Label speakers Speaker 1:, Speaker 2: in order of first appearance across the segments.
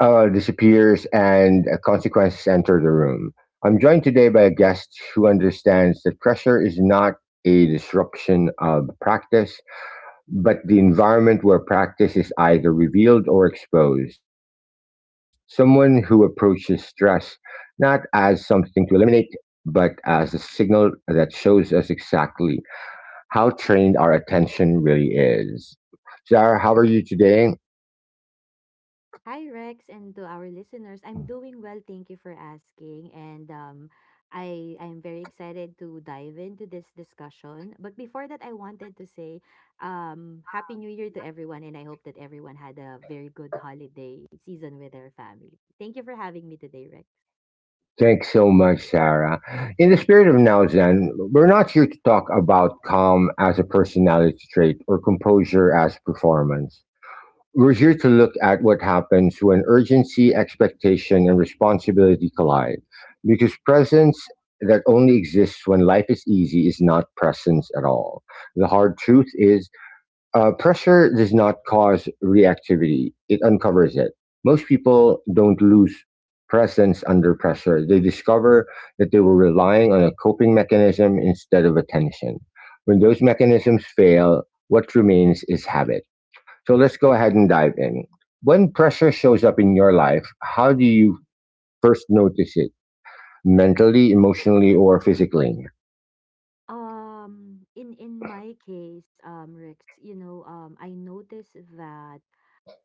Speaker 1: disappears and consequences enter the room? I'm joined today by a guest who understands that pressure is not a disruption of practice, but the environment where practice is either revealed or exposed. Someone who approaches stress not as something to eliminate, but as a signal that shows us exactly how trained our attention really is. Sarah, how are you today?
Speaker 2: Hi, Rex, and to our listeners. I'm doing well. Thank you for asking. And I'm very excited to dive into this discussion. But before that, I wanted to say, Happy New Year to everyone, and I hope that everyone had a very good holiday season with their family. Thank you for having me today, Rex.
Speaker 1: Thanks so much, Sarah. In the spirit of Now Zen, we're not here to talk about calm as a personality trait or composure as performance. We're here to look at what happens when urgency, expectation, and responsibility collide. Because presence that only exists when life is easy is not presence at all. The hard truth is pressure does not cause reactivity, it uncovers it. Most people don't lose presence under pressure, they discover that they were relying on a coping mechanism instead of attention. When those mechanisms fail, what remains is habit. So let's go ahead and dive in. When pressure shows up in your life, how do you first notice it? Mentally, emotionally, or physically?
Speaker 2: In my case, Rex, I noticed that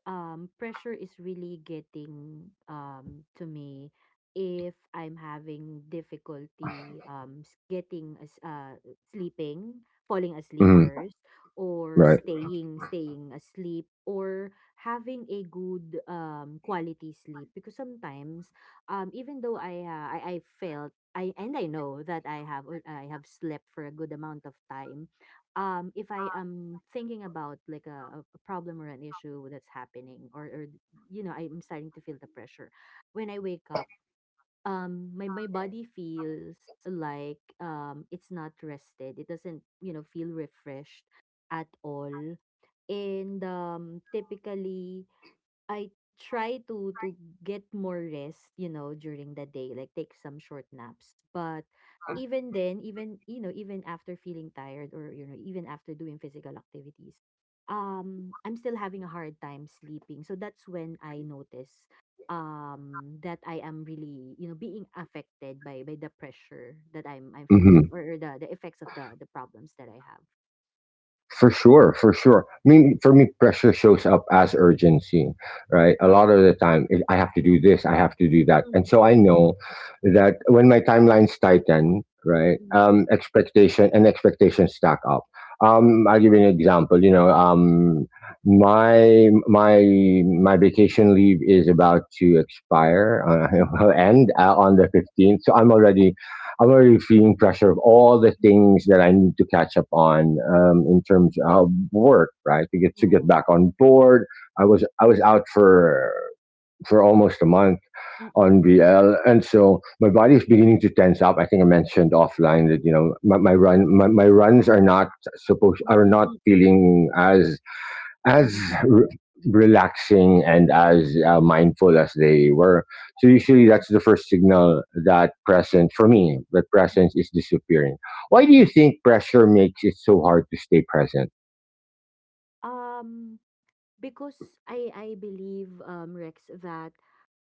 Speaker 2: pressure is really getting to me if I'm having difficulty s- getting as sleeping, falling asleep
Speaker 1: Mhm,
Speaker 2: first, or
Speaker 1: right.
Speaker 2: staying asleep, or having a good quality sleep, because sometimes even though I felt, and I know that I have slept for a good amount of time. If I am thinking about like a problem or an issue that's happening, or I'm starting to feel the pressure when I wake up, my body feels like it's not rested, it doesn't feel refreshed at all. And typically I try to get more rest, you know, during the day, like take some short naps. But even then, even after feeling tired, even after doing physical activities, I'm still having a hard time sleeping. So that's when I notice that I am really, being affected by the pressure that I'm feeling,
Speaker 1: Mm-hmm.
Speaker 2: or the effects of the problems that I have.
Speaker 1: For sure, for sure. I mean, for me, pressure shows up as urgency, right? A
Speaker 2: Mm.
Speaker 1: lot of the time, I have to do this, I have to do that, and
Speaker 2: Mm-mm,
Speaker 1: so I
Speaker 2: mm-mm,
Speaker 1: know that when my timelines tighten, right,
Speaker 2: mm-mm,
Speaker 1: expectation and expectations stack up. I'll give you an example. My my my vacation leave is about to expire,
Speaker 2: mm-mm, mm-mm,
Speaker 1: will end on the fifteenth, so I'm already feeling pressure of all the
Speaker 2: mm-mm.
Speaker 1: things that I need to catch up on in terms of work, right?
Speaker 2: Yeah,
Speaker 1: To get
Speaker 2: yeah.
Speaker 1: back on board. I was out for almost a month on
Speaker 2: Mm-mm.
Speaker 1: VL, and so my body is beginning to tense up. I think I mentioned offline that you know my runs are not supposed
Speaker 2: Mm,
Speaker 1: are not
Speaker 2: mm,
Speaker 1: feeling as as
Speaker 2: mm,
Speaker 1: r relaxing and as mindful as they were. So usually that's the first signal that presence for
Speaker 2: mm, mm.
Speaker 1: me that presence is disappearing. Why do you think pressure makes it so hard to stay present?
Speaker 2: Um, because I believe, Rex, that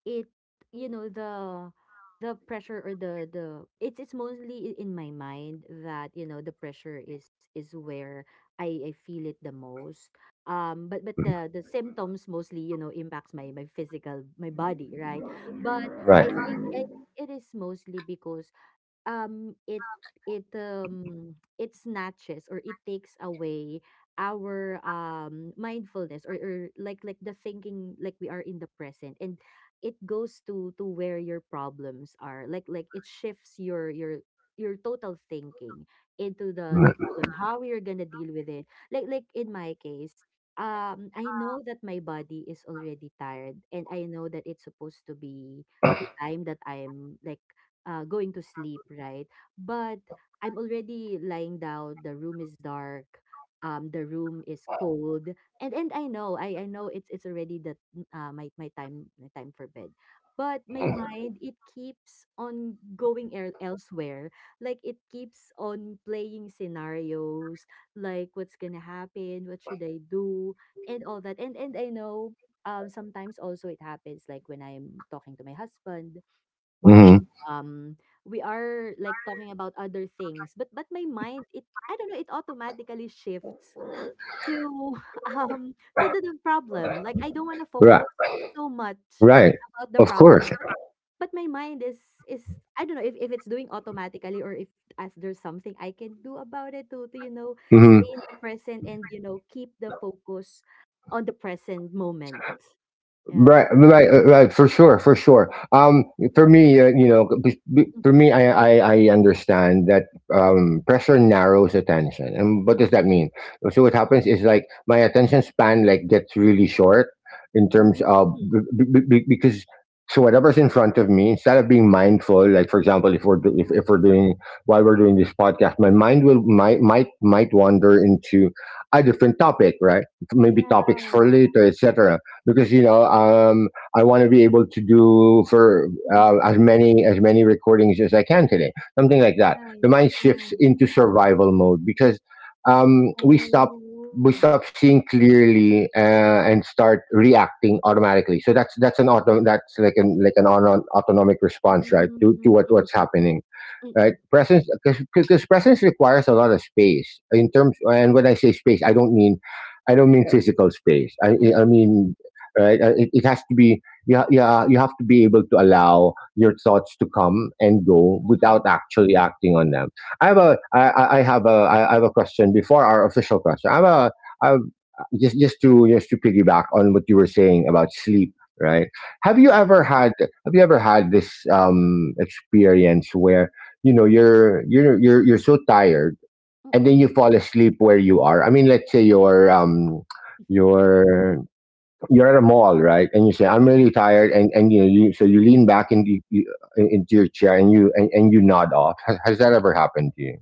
Speaker 2: it you know the pressure, or the it's mostly in my mind that the pressure is where I feel it the most. But the symptoms mostly, impacts my physical, my body, right. But
Speaker 1: Right.
Speaker 2: I think it is mostly because um it it snatches, or it takes away our mindfulness, or like the thinking, like we are in the present, and it goes to where your problems are, like it shifts your total thinking into the problem, how you're gonna deal with it, like in my case. I know that my body is already tired, and I know that it's supposed to be the time that I'm like going to sleep, right? But I'm already lying down. The room is dark. The room is cold, and I know, I know it's already the mm, my my time for bed. But my mind, it keeps on going elsewhere. Like it keeps on playing scenarios, like what's gonna happen, what should I do, and all that. And I know, sometimes also it happens like when I'm talking to my husband.
Speaker 1: Mm-hmm.
Speaker 2: um we are like talking about other things, but my mind, it, I don't know, it automatically shifts to um to the problem. Like I don't want to
Speaker 1: Right.
Speaker 2: focus so much
Speaker 1: Right.
Speaker 2: about the
Speaker 1: Of
Speaker 2: problem,
Speaker 1: course.
Speaker 2: but my mind is, I don't know if it's doing automatically, or if, as there's something I can do about it to
Speaker 1: Mhm.
Speaker 2: stay in the present, and keep the focus on the present moment. Yeah.
Speaker 1: Right, for sure, for sure. For me, you know, for me, I understand that pressure narrows attention. And what does that mean? So what
Speaker 2: Mhm.
Speaker 1: happens is like my attention span like gets really short in terms
Speaker 2: Mhm.
Speaker 1: of because so whatever's in front of me, instead of being mindful, like for example,
Speaker 2: Mhm.
Speaker 1: if we're doing while we're doing this podcast, my mind will might wander into a different topic, right? Maybe topics for
Speaker 2: Yeah.
Speaker 1: later, etc, because you know I want to be able to do for
Speaker 2: Mm-hmm.
Speaker 1: as many recordings as I can today, something like that.
Speaker 2: ใช่
Speaker 1: The mind
Speaker 2: ใช่
Speaker 1: shifts into survival mode because um,
Speaker 2: โอ
Speaker 1: we stop
Speaker 2: ้
Speaker 1: we stop seeing clearly and start reacting automatically. So that's an auto that's like an autonomic
Speaker 2: อืม
Speaker 1: response, right,
Speaker 2: อือ
Speaker 1: to what
Speaker 2: อือ
Speaker 1: what's
Speaker 2: อืออือ
Speaker 1: happening,
Speaker 2: อืออ
Speaker 1: right?
Speaker 2: อ
Speaker 1: Presence, because presence requires a lot of space in terms. And when I say space, I don't mean physical space. I mean, right? It, it has to be. Yeah, yeah. You have to be able to allow your thoughts to come and go
Speaker 2: อือออ
Speaker 1: without actually acting on them. I have a question before our official question. I'm a, I'm just, just to piggyback on what you were saying about sleep, right?
Speaker 2: ืออ
Speaker 1: Have you ever had this experience where you know you're so tired
Speaker 2: อืออื
Speaker 1: and then you fall asleep where you are. I mean, let's say you're you're you're at a mall, right, and you say
Speaker 2: อ
Speaker 1: I'm really tired, and you know, you so you lean back into into your chair, and and you nod off. Has that ever happened to you?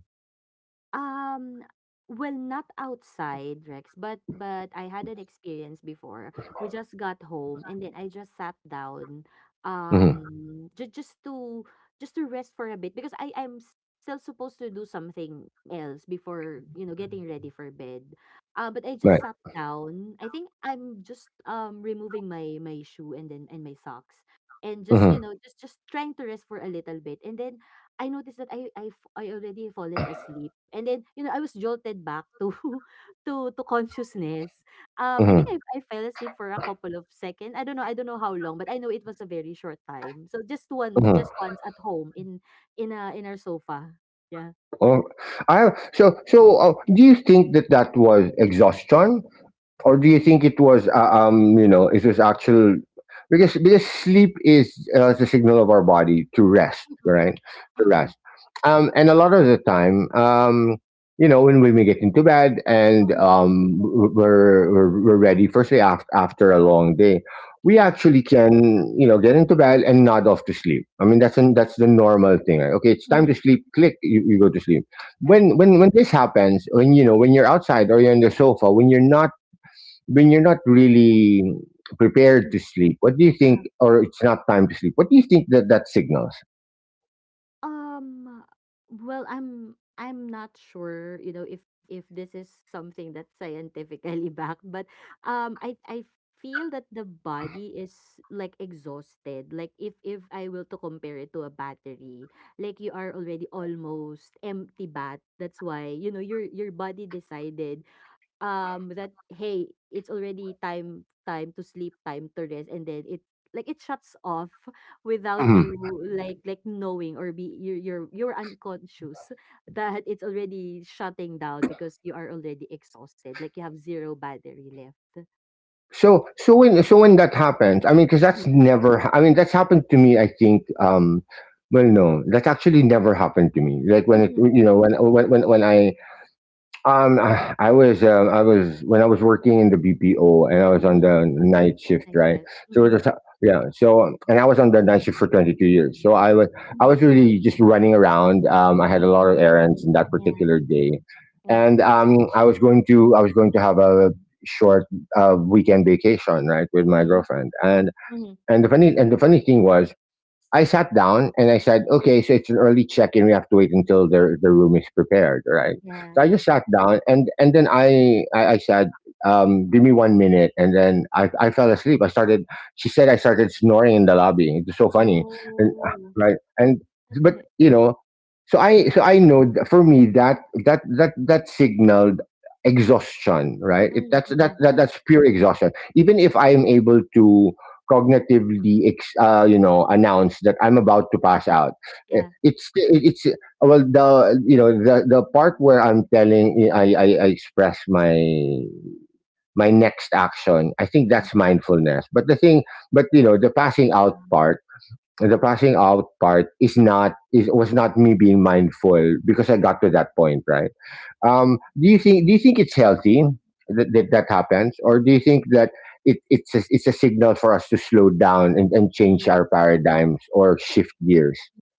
Speaker 2: Um, well, not outside, Rex, but I had an experience before. We just got home and then I just sat down,
Speaker 1: Hmm.
Speaker 2: um, just just to just to rest for a bit, because still supposed to do something else before, you know, getting ready for bed. But I just
Speaker 1: Right.
Speaker 2: sat down. I think I'm just removing my shoe, and then and my socks, and just, you
Speaker 1: Hmm.
Speaker 2: know, just trying to rest for a little bit. And then I noticed that I already fallen asleep. And then, you know, I was jolted back to to consciousness. I think
Speaker 1: Hmm.
Speaker 2: I fell asleep for a couple of seconds. I don't know how long, but I know it was a very short time. So just
Speaker 1: Hmm.
Speaker 2: once at home, in our sofa. Yeah.
Speaker 1: Oh, I so so. Do you think that that was exhaustion, or do you think it was you know, it was actual, because sleep is the signal of our body to rest,
Speaker 2: Mm-mm.
Speaker 1: right? To
Speaker 2: Mm-mm.
Speaker 1: rest. And a lot of the time you know, when we get into bed and
Speaker 2: Mm-mm.
Speaker 1: we're ready firstly after after a long day, we
Speaker 2: Yeah.
Speaker 1: actually can you know get into bed and nod off to sleep. I mean that's that's the normal thing, right? Okay, it's time to sleep, click, you go to sleep.
Speaker 2: Correct.
Speaker 1: When this happens, when you know when you're outside or you're on the sofa, when you're not really prepared
Speaker 2: Mm-mm.
Speaker 1: to sleep, what do you think? Or it's not time to sleep. What do you think that that signals?
Speaker 2: Um, well, I'm not sure, you know, if this is something that's scientifically backed, but I feel that the body is like exhausted. Like if I will to compare it to a battery, like you are already almost empty bat. That's why, you know, your body decided that hey, it's already time to sleep, time to rest, and then it, like, it shuts off without you
Speaker 1: Mhm.
Speaker 2: like knowing, or be you're unconscious that it's already shutting down, because you are already exhausted, like you have zero battery left.
Speaker 1: So when that happens, I mean, because that's
Speaker 2: Mm-mm,
Speaker 1: never. I mean, that's happened to me. I think. Well, no, that's actually never happened to me. Like when it,
Speaker 2: mm-mm,
Speaker 1: you know, when I I was when I was working in the BPO and I was on
Speaker 2: mm-mm,
Speaker 1: the night shift,
Speaker 2: night
Speaker 1: right?
Speaker 2: shift
Speaker 1: So it
Speaker 2: mm-mm,
Speaker 1: was, yeah. So and I was on the night shift for 22 years. I
Speaker 2: mm-mm,
Speaker 1: was really just running around. I had a
Speaker 2: mm-mm.
Speaker 1: lot of errands in that
Speaker 2: Yeah,
Speaker 1: particular day,
Speaker 2: yeah.
Speaker 1: and I was going to have a short weekend vacation, right, with my
Speaker 2: Mm-hmm,
Speaker 1: girlfriend.
Speaker 2: mm-hmm.
Speaker 1: And and the funny thing was, I sat down and I said, okay, so it's an early check-in. We have to wait until the room is prepared, right?
Speaker 2: Yeah,
Speaker 1: So I
Speaker 2: yeah.
Speaker 1: just sat down and then I said, give me 1 minute, and then I fell asleep. I started. She said I started snoring in the lobby. It's so funny, and
Speaker 2: Oh.
Speaker 1: right and but
Speaker 2: Okay.
Speaker 1: you know, so I know for me that that signaled exhaustion, right? It,
Speaker 2: Mm-mm, mm-mm.
Speaker 1: that that's pure exhaustion. Even if I am able to cognitively you know, announce that I'm about to pass out. Eh,
Speaker 2: Yeah.
Speaker 1: it's well, the you know the part where I'm telling I express my my next action, I think
Speaker 2: Uh,
Speaker 1: that's mindfulness. But the thing, but you know, the passing out
Speaker 2: uh,
Speaker 1: part, is not, is was not me being mindful, because I got to that point, right? Do you think it's healthy that that happens, or do you think that it's a signal for us to slow down and change
Speaker 2: yeah.
Speaker 1: our paradigms or shift gears?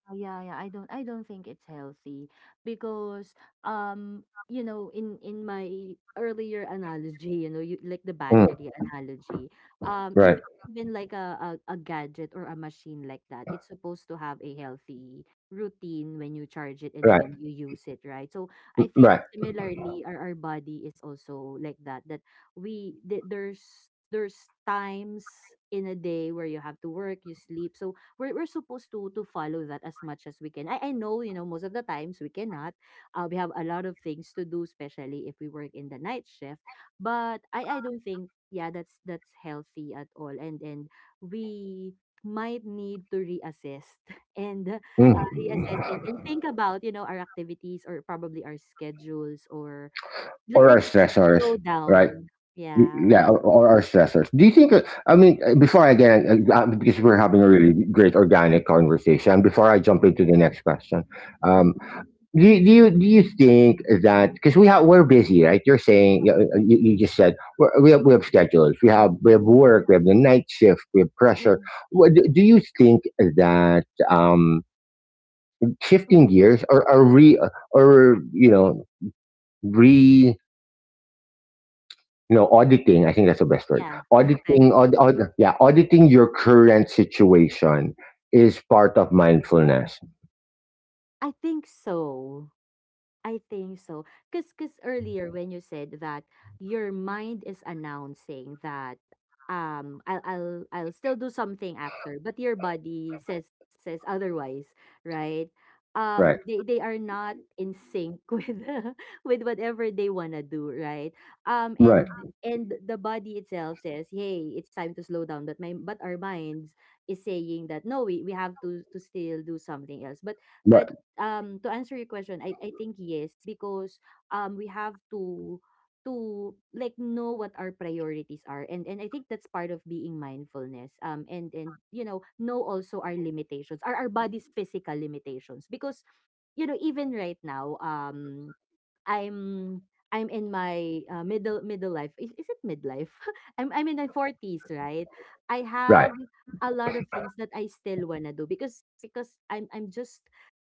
Speaker 2: Yeah, yeah. I don't think it's healthy because um in my earlier analogy, you know, you like the
Speaker 1: Mm,
Speaker 2: battery analogy.
Speaker 1: right,
Speaker 2: Even like a gadget or a machine like that, it's supposed to have a healthy routine when you charge it and
Speaker 1: right,
Speaker 2: when you use it, right? So I think
Speaker 1: right.
Speaker 2: similarly our body is also like that there's times in a day where you have to work, you sleep. So we're supposed to follow that as much as we can. I know, you know, most of the times we cannot. We have a lot of things to do, especially if we work in the night shift. But I don't think, yeah, that's healthy at all, and we might need to reassess and
Speaker 1: Mm.
Speaker 2: reassess, and think about, you know, our activities, or probably our schedules, or like,
Speaker 1: Or our
Speaker 2: like you said,
Speaker 1: stressors,
Speaker 2: slow
Speaker 1: right?
Speaker 2: down. Yeah.
Speaker 1: Yeah, or our stressors. Do you think? I mean, before I get because
Speaker 2: Mm-mm,
Speaker 1: we're having a really great
Speaker 2: mm,
Speaker 1: organic conversation. Before I jump into the next question,
Speaker 2: mm-mm,
Speaker 1: um, do you think that because we have we're busy, right? You're saying you just said we're, we have schedules, we have work, we have the night shift, we have pressure.
Speaker 2: mm-mm,
Speaker 1: Do do you think that um, shifting
Speaker 2: mm-mm.
Speaker 1: gears or re or you know. No, auditing. I think that's the best word.
Speaker 2: Yeah. Okay.
Speaker 1: Yeah, auditing your current situation is part of mindfulness.
Speaker 2: I think so. I think so. Because cause 'cause earlier when you said that your mind is announcing that I'll still do something after, but your body says otherwise, right?
Speaker 1: Right,
Speaker 2: They are not in sync with whatever they wanna do, right?
Speaker 1: right,
Speaker 2: And the body itself says, "Hey, it's time to slow down," but my but our minds is saying that no, we have to still do something else. But but
Speaker 1: right,
Speaker 2: To answer your question, I think yes, because we have to like know what our priorities are, and I think that's part of being mindfulness, and you know, also our limitations, our body's physical limitations, because you know, even right now, I'm I'm in my middle life. Is it midlife? I'm in my 40s, right? I
Speaker 1: right,
Speaker 2: have a lot of things that I still wanna do, because I'm just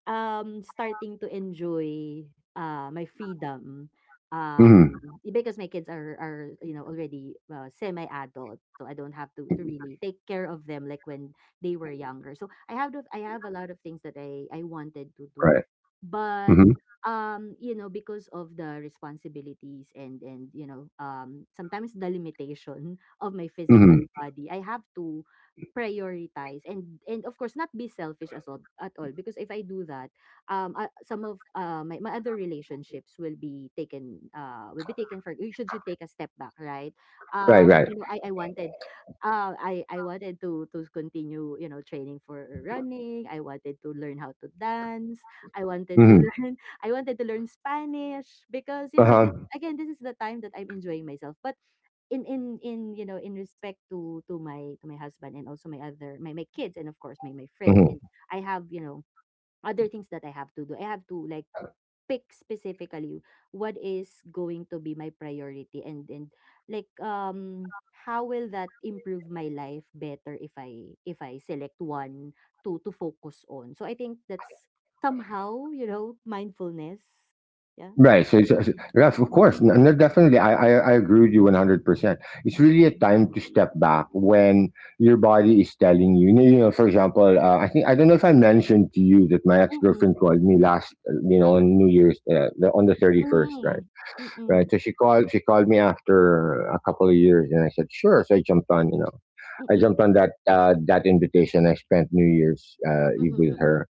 Speaker 2: starting to enjoy my freedom. Um
Speaker 1: mm-hmm.
Speaker 2: because my kids are you know already semi adult, so I don't have to really take care of them like when they were younger. So I have a lot of things that I wanted to do,
Speaker 1: Right,
Speaker 2: but
Speaker 1: mm-hmm.
Speaker 2: you know, because of the responsibilities, and you know, sometimes the limitation of my physical
Speaker 1: Mm-hmm.
Speaker 2: body, I have to prioritize, and of course, not be selfish as all, at all, because if I do that some of my other relationships will be taken, will be taken for, you should take a step back, right?
Speaker 1: Right, right,
Speaker 2: You know, I wanted to continue, you know, training for running. I wanted to learn how to dance. I wanted to
Speaker 1: mm-hmm.
Speaker 2: learn I wanted to learn Spanish, because you
Speaker 1: Uh
Speaker 2: know,
Speaker 1: huh,
Speaker 2: this again, this is the time that I'm enjoying myself, but in you know in respect to my husband, and also my kids, and of course my friends, and I have, you know, other things that I have to do. I have to like pick specifically what is going to be my priority, and like, how will that improve my life better if I select one to focus on. So I think that's somehow, you know, mindfulness. Yeah.
Speaker 1: right. So, it's- yes, of course. No, no, definitely. I agree with you 100%. It's really a time to step back when your body is telling you. You know, for example, I think, I don't know if I mentioned to you that my ex
Speaker 2: Mm-mm.
Speaker 1: girlfriend called me last, you know, on New Year's, on the 31st, right?
Speaker 2: Mm. Mm-mm.
Speaker 1: Right. So she called me after a couple of years and I said, sure. So I jumped on, you know, I
Speaker 2: Mm-mm.
Speaker 1: jumped on that, that invitation. I spent New Year's, Eve
Speaker 2: Mm-mm.
Speaker 1: with
Speaker 2: Mm-mm.
Speaker 1: her,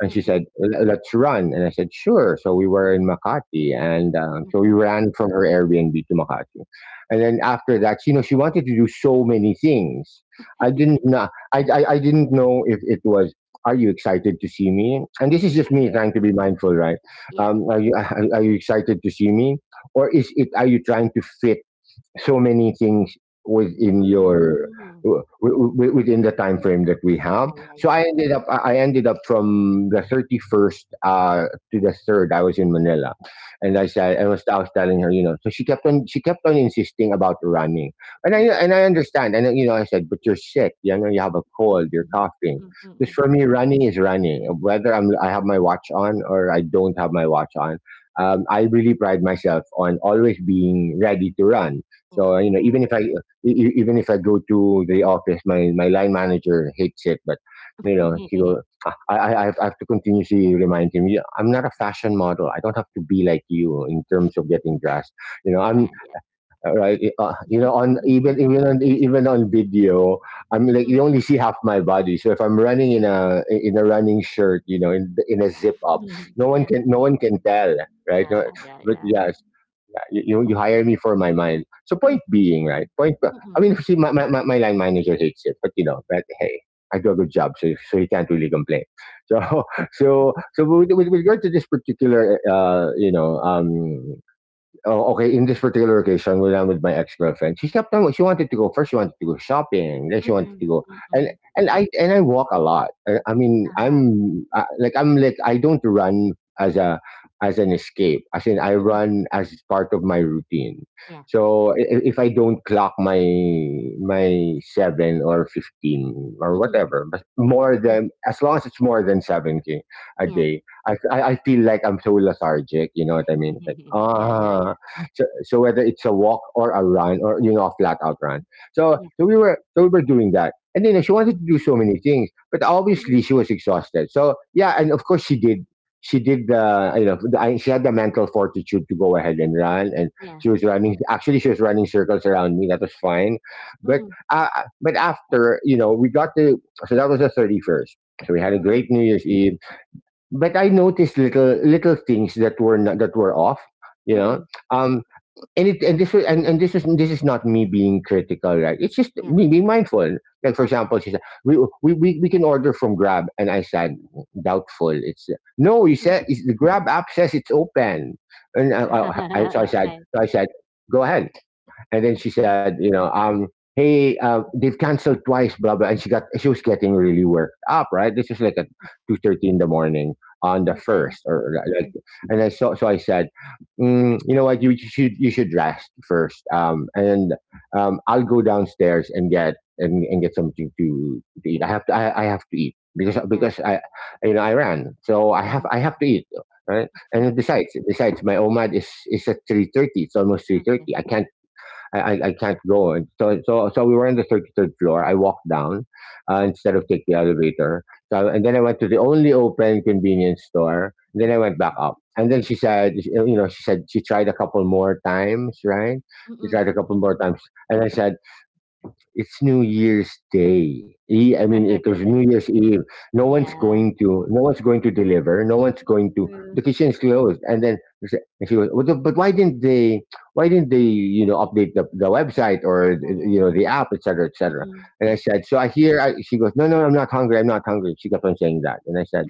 Speaker 1: and she said,
Speaker 2: Mm-mm.
Speaker 1: "L- let's run." And I said, sure. So we were in
Speaker 2: Mm-mm.
Speaker 1: Makati. And so we
Speaker 2: Mm-mm.
Speaker 1: ran from her Airbnb to Makati. And then after that, you know, she wanted to do so many things. I didn't know. I didn't know if it was, are you excited to see me? And this is just me trying to be mindful, right?
Speaker 2: Yeah.
Speaker 1: Are you excited to see me? Or is it, are you trying to fit so many things within your
Speaker 2: Mm.
Speaker 1: within the time frame that we have.
Speaker 2: Yeah, yeah,
Speaker 1: So
Speaker 2: yeah.
Speaker 1: I ended up from the 31st to the 3rd I was in Manila, and
Speaker 2: Mm.
Speaker 1: I was telling her, you know, so she kept on insisting about running. And I
Speaker 2: Mm.
Speaker 1: and I understand, and you know I said, but you're sick, you know you have a cold, you're
Speaker 2: Mm-mm.
Speaker 1: coughing.
Speaker 2: Mm-mm.
Speaker 1: Because
Speaker 2: Mm-mm.
Speaker 1: for me running is running, whether I have my watch on or I don't have my watch on. I really pride myself on always being ready to run. So, you know, even
Speaker 2: Wow.
Speaker 1: if I go to the office, my line manager hates it, but you know, he go. I have to continuously remind him. "Yeah, I'm not a fashion model. I don't have to be like you in terms of getting dressed. You know,
Speaker 2: Yeah,
Speaker 1: I'm
Speaker 2: yeah.
Speaker 1: right. You know, on even on video, I'm like,
Speaker 2: Mm,
Speaker 1: you only see half my body. So if I'm running in a running shirt, you know, in a zip up, no one
Speaker 2: yeah,
Speaker 1: can no one can tell, right?
Speaker 2: yeah,
Speaker 1: No,
Speaker 2: yeah,
Speaker 1: but
Speaker 2: yeah.
Speaker 1: yeah. Yeah, you hire me for my mind. So point being, right? Point.
Speaker 2: Mm,
Speaker 1: I mean,
Speaker 2: mm,
Speaker 1: see, my line manager hates it, but you know, but hey, I do a good job, so he can't really complain. So so with, regard to this particular, oh, okay. In this particular occasion, we ran with my ex-girlfriend. She kept on... She wanted to go first. She wanted to go shopping. Then she wanted
Speaker 2: mm,
Speaker 1: to go,
Speaker 2: mm,
Speaker 1: and
Speaker 2: mm.
Speaker 1: I walk a lot. I mean,
Speaker 2: Uh-huh.
Speaker 1: I'm like I'm like I don't run as a as an escape. As in, I
Speaker 2: Mm,
Speaker 1: run as part of my routine.
Speaker 2: yeah.
Speaker 1: So if I don't clock my 7 or 15 or
Speaker 2: Mm,
Speaker 1: whatever, but more
Speaker 2: mm,
Speaker 1: than as long as it's more than seven k a
Speaker 2: yeah.
Speaker 1: day, I feel like I'm so lethargic. You know what I mean? It's like,
Speaker 2: Yeah, yeah, yeah.
Speaker 1: so whether it's a walk or a run or, you know, a flat out run. So
Speaker 2: Yeah.
Speaker 1: so we were so we were doing that. And then she wanted
Speaker 2: Mm,
Speaker 1: to do so many things, but
Speaker 2: mm,
Speaker 1: obviously she was exhausted. So yeah, and of course she did. She did the you know the, I- she had the mental fortitude to go ahead and run, and
Speaker 2: yeah.
Speaker 1: she was running. Actually, she was running circles around me. That was fine, but
Speaker 2: Mm,
Speaker 1: uh, but after, you know, we got to, so that was the 31st. So we had a great New Year's Eve, but I noticed little things that were not, that were off.
Speaker 2: mm,
Speaker 1: You know.
Speaker 2: mm,
Speaker 1: Um, and it and this was and this is not me being critical, right? It's just
Speaker 2: yeah.
Speaker 1: me being mindful. Like, for
Speaker 2: Okay.
Speaker 1: example, she said we can order from Grab, and I said, doubtful. It's... no, you
Speaker 2: Mm.
Speaker 1: said it's, the Grab app says it's open. And I-
Speaker 2: Okay.
Speaker 1: so I said go ahead. And then she said, you know, hey, they've canceled twice, blah blah. And she was getting really worked up, right? This is like at 2:30 in the morning on the
Speaker 2: Okay.
Speaker 1: first, or like...
Speaker 2: Mm,
Speaker 1: and I so so I said, mm, you know what, you should rest first. And I'll go downstairs and get something to, eat. I have to eat, because
Speaker 2: yeah.
Speaker 1: I you know, I ran, so I have
Speaker 2: Mm,
Speaker 1: I have to eat, right? And besides, my OMAD is at 3:30. It's almost three
Speaker 2: okay.
Speaker 1: thirty. I can't go. And so we were on the 33rd floor. I walked down, instead
Speaker 2: Okay.
Speaker 1: of take the elevator. So, and then I went to the only open convenience store. And then I went back up. And then she said, you know, she said she tried a couple more times, right? She tried a
Speaker 2: Mm.
Speaker 1: couple more times. And I said, it's New Year's Day. I mean, it was New Year's Eve. No one's
Speaker 2: Yeah,
Speaker 1: going to... no one's going to deliver. No one's going to.
Speaker 2: true.
Speaker 1: The kitchen is closed. And then they... And she was, but why didn't they, you know, update the, website or,
Speaker 2: Yeah, yeah.
Speaker 1: you know, the app, etc., etc.
Speaker 2: Mm,
Speaker 1: And I
Speaker 2: mm,
Speaker 1: said, so I hear. She goes, no, no, I'm not hungry. I'm not hungry. She kept on saying that, and I said,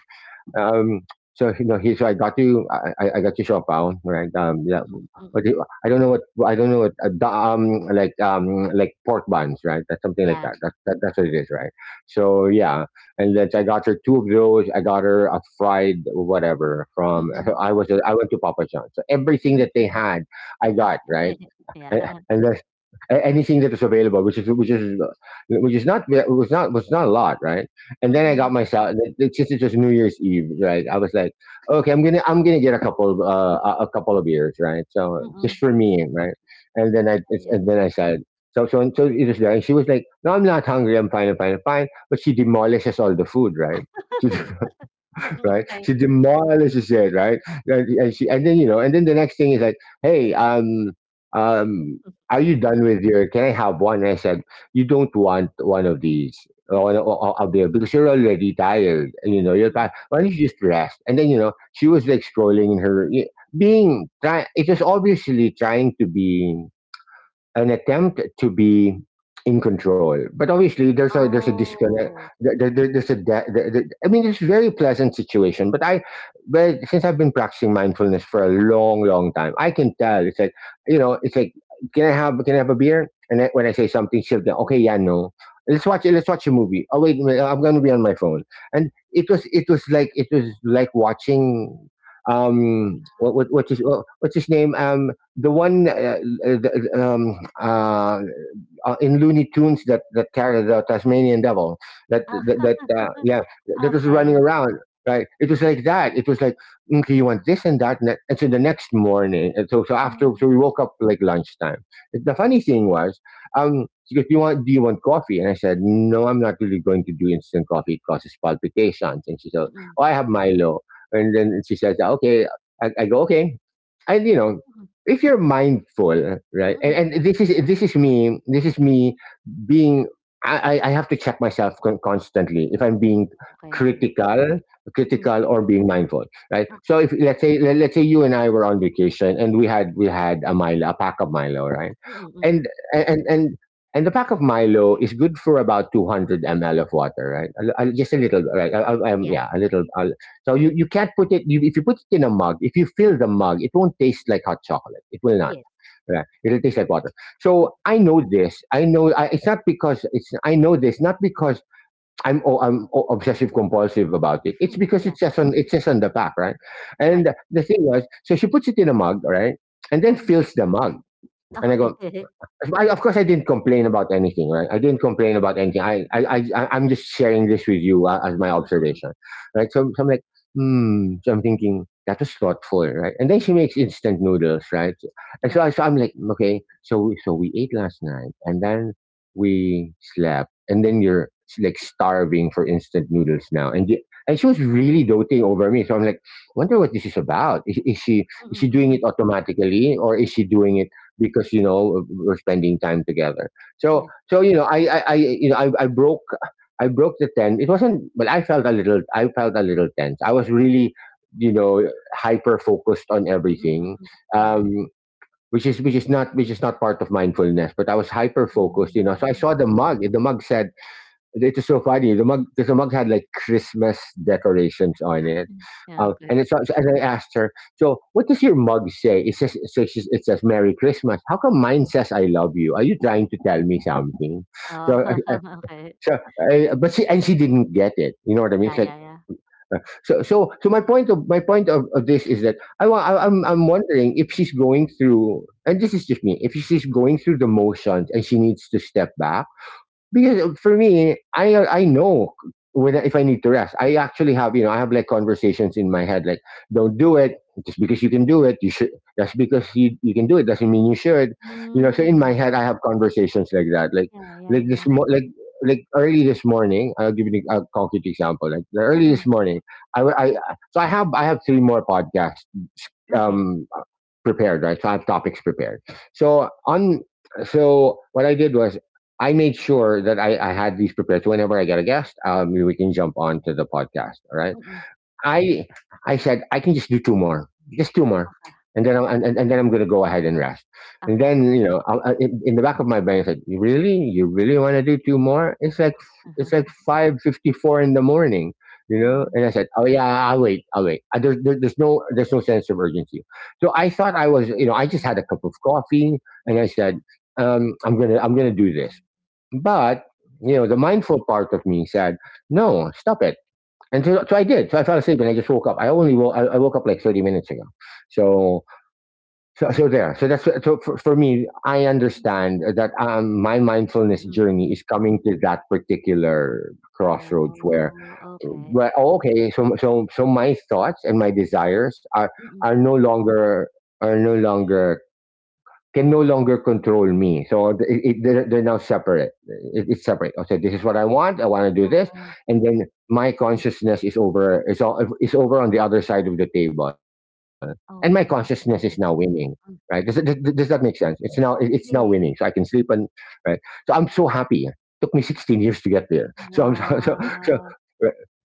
Speaker 1: um, so you know, he so I got you, I got you Chopin, right?
Speaker 2: mm,
Speaker 1: Yeah,
Speaker 2: mm,
Speaker 1: but
Speaker 2: mm.
Speaker 1: I don't know what I don't know what, like pork buns, right? That's something like
Speaker 2: Yeah.
Speaker 1: that. That's what it is, right? So yeah, and then I got her two of those. I got her a fried whatever from...
Speaker 2: Mm.
Speaker 1: So I went to Papa John's. So
Speaker 2: Mm,
Speaker 1: everything
Speaker 2: mm.
Speaker 1: that they
Speaker 2: mm.
Speaker 1: had, I got, right.
Speaker 2: Okay.
Speaker 1: And,
Speaker 2: Yeah.
Speaker 1: and anything that was available, which is which is which is not it was not a lot, right? And then I
Speaker 2: Mm,
Speaker 1: got myself, since it was New Year's Eve, right? I was like, okay, I'm gonna get a couple of beers, right? So
Speaker 2: mm.
Speaker 1: just for me, right?
Speaker 2: Ayan,
Speaker 1: And then I said... So it was there. And she was like, no, I'm not hungry. I'm fine. I'm fine. I'm fine. But she demolishes all the food, right? Right?
Speaker 2: okay.
Speaker 1: She demolishes it, right? And and then, you know, and then the next thing is like, hey, um, are you done with your? Can I have one? And I said, you don't want one of these.
Speaker 2: Mm.
Speaker 1: One of them, because you're already tired. You know, you're
Speaker 2: mm.
Speaker 1: tired. Why don't you just rest? And then, you know, she was like scrolling in her, being try... It was obviously trying to be an attempt to be in control, but obviously there's a disconnect
Speaker 2: Oh,
Speaker 1: there. There, there- there's a de- there, there- i mean, it's a very pleasant situation but I well since I've been practicing mindfulness for a long long time, I can tell, it's like, you know, it's like, can I have a beer, and then when I say something, she'll be, okay, yeah, no, let's watch a movie, oh, wait a minute, I'm going to be on my phone. And it was like, it was like watching,
Speaker 2: yeah.
Speaker 1: what's his name, the one, uh, th- um, uh, in Looney Tunes, that carried the Tasmanian devil, that
Speaker 2: Ah,
Speaker 1: that, that yeah, that was running
Speaker 2: okay,
Speaker 1: around, right? It was like that.
Speaker 2: yeah,
Speaker 1: It was like, okay, you want this and that and, that. And so the next morning, and so
Speaker 2: yeah.
Speaker 1: we woke up, like, lunchtime. The funny thing was, she goes, do you want, do you want coffee? And I said, no, I'm not really going to do instant coffee, it causes palpitations. And she said,
Speaker 2: Mm,
Speaker 1: oh, I have Milo. And then she says, okay. I go, okay. And, you know,
Speaker 2: mm,
Speaker 1: if you're mindful, right?
Speaker 2: mm.
Speaker 1: And this is me. This is me being... I have to check myself constantly if I'm being
Speaker 2: Okay.
Speaker 1: critical,
Speaker 2: Mm,
Speaker 1: critical or being mindful, right?
Speaker 2: okay.
Speaker 1: So if, let's say you and I were on vacation, and we had a Milo, a pack of Milo, right?
Speaker 2: Mm, mm.
Speaker 1: And and and and the pack of Milo is good for about 200 ml of water, right? Just a little, right?
Speaker 2: Yeah,
Speaker 1: Yeah, a little, so you can't put it, if you put it in a mug, if you fill the mug, it won't taste like hot chocolate. It will not.
Speaker 2: yes.
Speaker 1: Right? It'll taste like water.
Speaker 2: Mm,
Speaker 1: So I know this. I know, it's not because it's... I know this not because I'm obsessive compulsive about it. It's because
Speaker 2: yeah,
Speaker 1: it says on the back, right? And
Speaker 2: right.
Speaker 1: the thing was, so she puts it in a mug, right? And then
Speaker 2: Mm,
Speaker 1: fills the mug. And I
Speaker 2: okay.
Speaker 1: go... of course, I didn't complain about anything, right? I didn't complain about anything. I'm just sharing this with you, as my
Speaker 2: Mm, mm.
Speaker 1: observation, right? So I'm like, hmm. So I'm thinking that was thoughtful, right? And then she makes instant noodles, right? And
Speaker 2: Yeah.
Speaker 1: so, so I'm like, okay. So, so we ate last night, and then we slept, and then you're like starving for instant noodles now, and she was really doting over me, so I'm like, wonder what this is about. Is she is
Speaker 2: Mm,
Speaker 1: she doing it
Speaker 2: mm.
Speaker 1: automatically, or is she doing
Speaker 2: Mhm.
Speaker 1: it because you know we're spending time together. So
Speaker 2: Yeah.
Speaker 1: so you know I you know I broke the ten. It wasn't well. I felt a little tense. I was really you know hyper focused on
Speaker 2: Mm,
Speaker 1: everything.
Speaker 2: mm. Yeah.
Speaker 1: Um, which is not part of mindfulness, but I was hyper focused, you know. So I saw
Speaker 2: Hmm.
Speaker 1: the mug. The mug said it's just so funny. The mug, because the mug had like Christmas decorations on it,
Speaker 2: Yeah,
Speaker 1: and
Speaker 2: okay.
Speaker 1: it's so and I asked her, "So, what does your mug say?" It says, "So she, it says Merry Christmas. How come mine says 'I love you'? Are you trying to tell me something?"
Speaker 2: Oh,
Speaker 1: So,
Speaker 2: okay.
Speaker 1: so, I, but she and she didn't get it. You know what I mean? It's
Speaker 2: Yeah,
Speaker 1: like
Speaker 2: yeah, yeah.
Speaker 1: uh, so my point of this is that I'm wondering if she's going through, and this is just me, if she's going through the motions and she needs to step back because for me, I know when if I
Speaker 2: Mm.
Speaker 1: need to rest. I actually have you know I have like conversations in my head like don't do it just because you can do it. You should that's because you can do it doesn't mean you should. You know, so in my
Speaker 2: Hmm.
Speaker 1: head I have conversations like that. Like
Speaker 2: Yeah, yeah,
Speaker 1: like this
Speaker 2: yeah.
Speaker 1: mo- like like early this morning. I'll give you a concrete example. Like early this
Speaker 2: Mm.
Speaker 1: morning, I, w- I- so I have three more podcasts.
Speaker 2: Okay.
Speaker 1: Um, prepared, right? So I have topics prepared. So on so what I did was I made sure that I had these prepared. So whenever I get a guest, we can jump on to the podcast. All right.
Speaker 2: Mm.
Speaker 1: I I said I can just do two more, just two more,
Speaker 2: Okay,
Speaker 1: and then and then I'm gonna go ahead and rest. And
Speaker 2: okay.
Speaker 1: then you know, in the back of my brain, it's like, you really want to do two more? It's like 5:54 in the morning, you know.
Speaker 2: Yeah,
Speaker 1: And I said, oh yeah, I'll wait. There's no sense of urgency. So I thought I was, you know, I just had
Speaker 2: uh-huh,
Speaker 1: a cup of coffee, and I said,
Speaker 2: yeah,
Speaker 1: I'm gonna do this, but you
Speaker 2: yeah.
Speaker 1: know, the mindful part of me said, no, stop it and so I did. So I fell asleep and I just woke up. I woke up like 30 minutes ago. So, so there. So that's, for me, I
Speaker 2: Mm,
Speaker 1: understand that my
Speaker 2: mm,
Speaker 1: mindfulness
Speaker 2: mm,
Speaker 1: journey
Speaker 2: mm.
Speaker 1: is coming to that particular crossroads
Speaker 2: Oh, okay,
Speaker 1: where
Speaker 2: okay.
Speaker 1: oh, okay, so my thoughts and my desires are,
Speaker 2: Mm,
Speaker 1: are no longer, are no longer can no longer control me. So they're now separate. It's separate. Okay, this is what I want. I want to do this,
Speaker 2: oo,
Speaker 1: and then my consciousness is over. Is all is over on the other side of the table, and my consciousness is
Speaker 2: okay.
Speaker 1: now winning. Right?
Speaker 2: Mm,
Speaker 1: Does that make sense? It's now it's now winning, so I can
Speaker 2: yes.
Speaker 1: sleep and right. So I'm so happy. Took me 16 years to get there. So I'm so so. so
Speaker 2: Wow.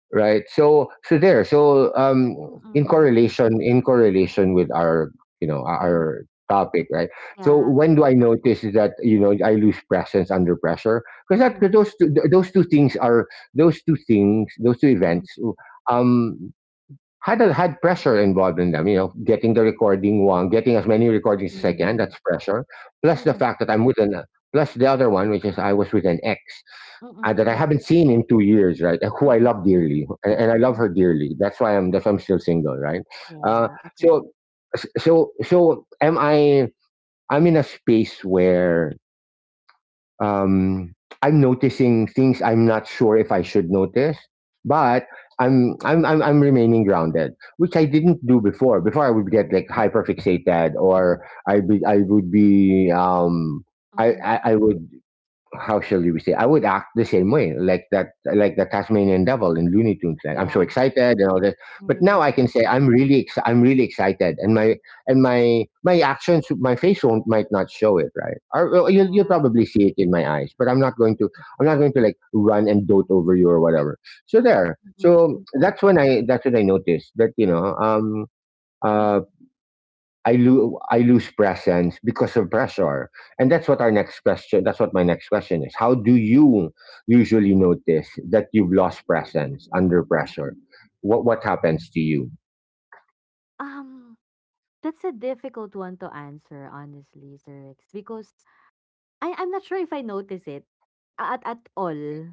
Speaker 1: right, there, in
Speaker 2: Mm,
Speaker 1: correlation with our you know
Speaker 2: mm,
Speaker 1: our topic, right? So
Speaker 2: yeah.
Speaker 1: when do I notice that, you know, I lose presence under pressure, because
Speaker 2: Mm,
Speaker 1: that those two things are those two things those two
Speaker 2: mm,
Speaker 1: events um had a, had pressure involved in them. You know, getting the recording one, getting as many recordings as I can.
Speaker 2: mm,
Speaker 1: That's pressure.
Speaker 2: mm,
Speaker 1: Plus the
Speaker 2: mm,
Speaker 1: fact that I'm with an plus the other one, which is I was with an ex that I
Speaker 2: mm,
Speaker 1: haven't seen in 2 years, right? Who I
Speaker 2: mm,
Speaker 1: love
Speaker 2: mm,
Speaker 1: dearly, and I love
Speaker 2: mm.
Speaker 1: her dearly. That's why I'm still single, right? Uh,
Speaker 2: Yeah, okay.
Speaker 1: so so am I. I'm in a space where um, I'm noticing things I'm not sure if I should notice, but I'm remaining grounded, which I didn't do before. Before I would get like hyperfixated, or I would be
Speaker 2: Mm.
Speaker 1: I would how shall we say? I would act the same way, like that, like the Tasmanian Devil in Looney Tunes. Like I'm so
Speaker 2: Yeah.
Speaker 1: excited and all that.
Speaker 2: Yeah,
Speaker 1: But
Speaker 2: yeah,
Speaker 1: now
Speaker 2: yeah,
Speaker 1: I
Speaker 2: yeah.
Speaker 1: can say I'm really excited, and my actions, my face won't might not show it, right? Or well, you'll
Speaker 2: Yeah.
Speaker 1: probably see it in my eyes, but I'm not going to like run and dote over you or whatever. So
Speaker 2: Mm,
Speaker 1: there.
Speaker 2: mm,
Speaker 1: So
Speaker 2: mm, mm,
Speaker 1: that's when I noticed that you know uh.
Speaker 2: mm.
Speaker 1: I lose presence because of pressure, and that's what our next question. That's what my next question is. How do you usually notice that you've lost presence under pressure? What happens to you?
Speaker 2: Um That's a difficult one to answer, honestly, Sir Rex, because I'm not sure if I notice it at all.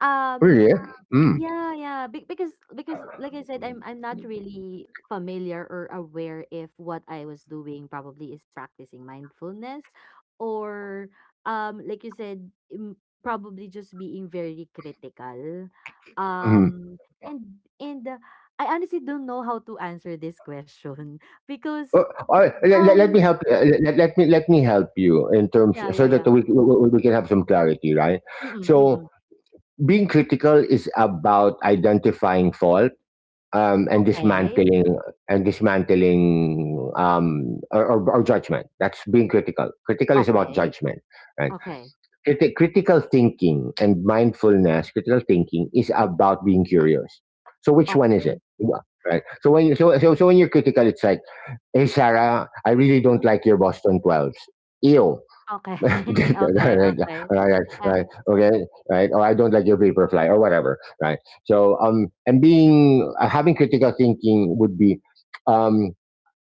Speaker 2: Um,
Speaker 1: Really? Mm.
Speaker 2: yeah, yeah, because like I said, I'm not really familiar or aware if what I was doing probably is practicing mindfulness or like you said, probably just being very critical.
Speaker 1: Mm-hmm.
Speaker 2: Um, and I honestly don't know how to answer this question because
Speaker 1: Uh, let
Speaker 2: um,
Speaker 1: me help. Let, let me help you in terms
Speaker 2: yeah, yeah,
Speaker 1: so
Speaker 2: yeah.
Speaker 1: that we can have some clarity, right?
Speaker 2: Mm,
Speaker 1: So
Speaker 2: mm.
Speaker 1: being critical is about identifying fault and
Speaker 2: Okay.
Speaker 1: dismantling or judgment. That's being critical. Critical is about
Speaker 2: Okay.
Speaker 1: judgment, right?
Speaker 2: Okay.
Speaker 1: Critical thinking and mindfulness. Critical thinking is about being curious. So which one is
Speaker 2: okey.
Speaker 1: it? Wha- Right. So so when you're critical, it's like, hey Sarah, I really don't
Speaker 2: Mm,
Speaker 1: like your Boston Twelves. Ew.
Speaker 2: okay. Okay.
Speaker 1: right,
Speaker 2: Okay. Yeah,
Speaker 1: right. Okay, right. Or I don't like your vaporfly or whatever. Right. So and being having critical thinking would be, um,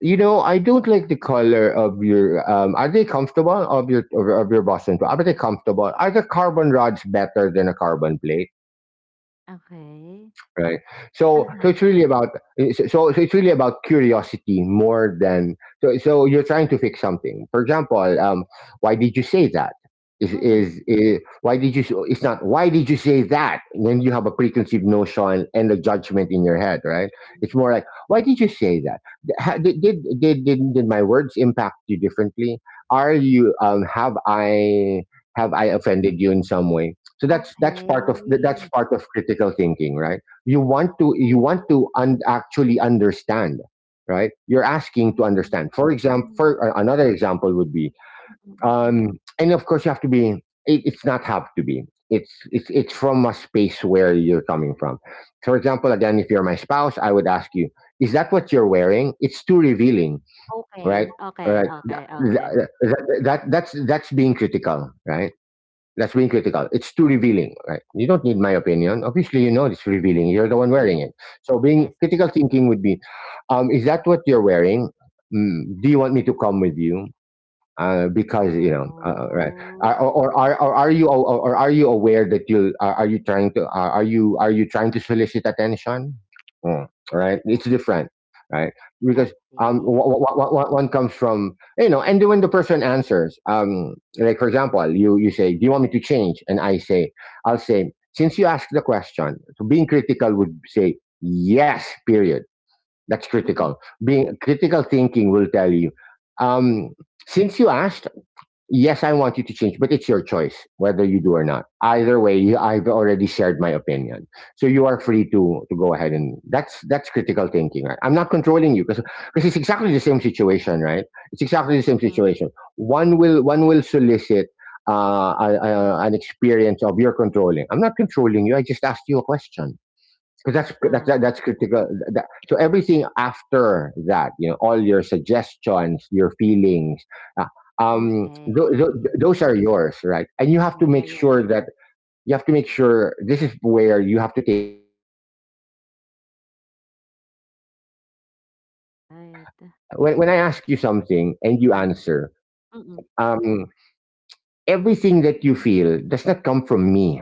Speaker 1: you know, I don't like the color of your. Are they comfortable of your of your Boston? Are they comfortable? Are the carbon rods better than a carbon plate?
Speaker 2: okay.
Speaker 1: Right. So
Speaker 2: Uh-huh,
Speaker 1: so it's really about it's really about curiosity more than you're trying to fix something. For example, why did you say that?
Speaker 2: mm-mm.
Speaker 1: Is why did you? It's not why did you say that? And then you have a preconceived notion and a judgment in your head, right?
Speaker 2: mm.
Speaker 1: It's more like why did you say that? Did my words impact you differently? Are you
Speaker 2: Hmm,
Speaker 1: have I offended you in some way? So
Speaker 2: okay.
Speaker 1: that's part of critical thinking, right? You want
Speaker 2: Oh,
Speaker 1: to un- actually understand right you're
Speaker 2: hmm,
Speaker 1: asking to
Speaker 2: hmm.
Speaker 1: understand for example for another example would be
Speaker 2: Mm, mm. mm.
Speaker 1: and of course you have to be it's not have to be it's from a space where you're coming from, for example again if you're my spouse I would ask you, is that what you're wearing? It's too revealing,
Speaker 2: Okay.
Speaker 1: right?
Speaker 2: Okay.
Speaker 1: Right.
Speaker 2: Okay.
Speaker 1: Th-
Speaker 2: Okay.
Speaker 1: th- that's being critical, right? That's being critical. It's too revealing, right? You don't need my opinion. Obviously, you know it's revealing. You're the one
Speaker 2: Yes,
Speaker 1: wearing it. So
Speaker 2: yes.
Speaker 1: being critical thinking would be, is that what you're wearing? Mm, do you want me to come with you? Uh, because you know, right?
Speaker 2: Oh,
Speaker 1: Are- or are you aware that you are you trying to are you trying to solicit attention? Mm, right,
Speaker 2: yeah,
Speaker 1: it's different, right?
Speaker 2: I
Speaker 1: Because
Speaker 2: see. Mm-mm.
Speaker 1: one comes from you know, and when the person answers, like for example, you say, "Do you want me to change?" and I say, "I'll say." Since you asked the question, so being critical would say yes. Period. That's
Speaker 2: Mm,
Speaker 1: critical. Being critical thinking will tell you. Um, since you asked yes, I want you to change, but it's your choice whether you do or not. Either way, you, I've already shared my opinion, so you are free to go ahead and that's critical thinking. Right? I'm not controlling you because it's exactly the same situation, right? It's exactly the same
Speaker 2: hmm.
Speaker 1: situation. One will solicit. An experience of your controlling. I'm not controlling you. I just asked you a question. 'Cause
Speaker 2: Ah,
Speaker 1: that's critical. That, so everything after that, you know, all your suggestions, your feelings, uh, um, th- th-
Speaker 2: okay.
Speaker 1: those are yours, right? And
Speaker 2: Yeah, yeah, yeah, yeah.
Speaker 1: you have to make sure this is where you have to take ownership and be disciplined in the mindfulness space. And you're not
Speaker 2: Right.
Speaker 1: when I ask you something and you
Speaker 2: Mm, mm,
Speaker 1: answer,
Speaker 2: mm.
Speaker 1: um, everything that you feel does not come from me.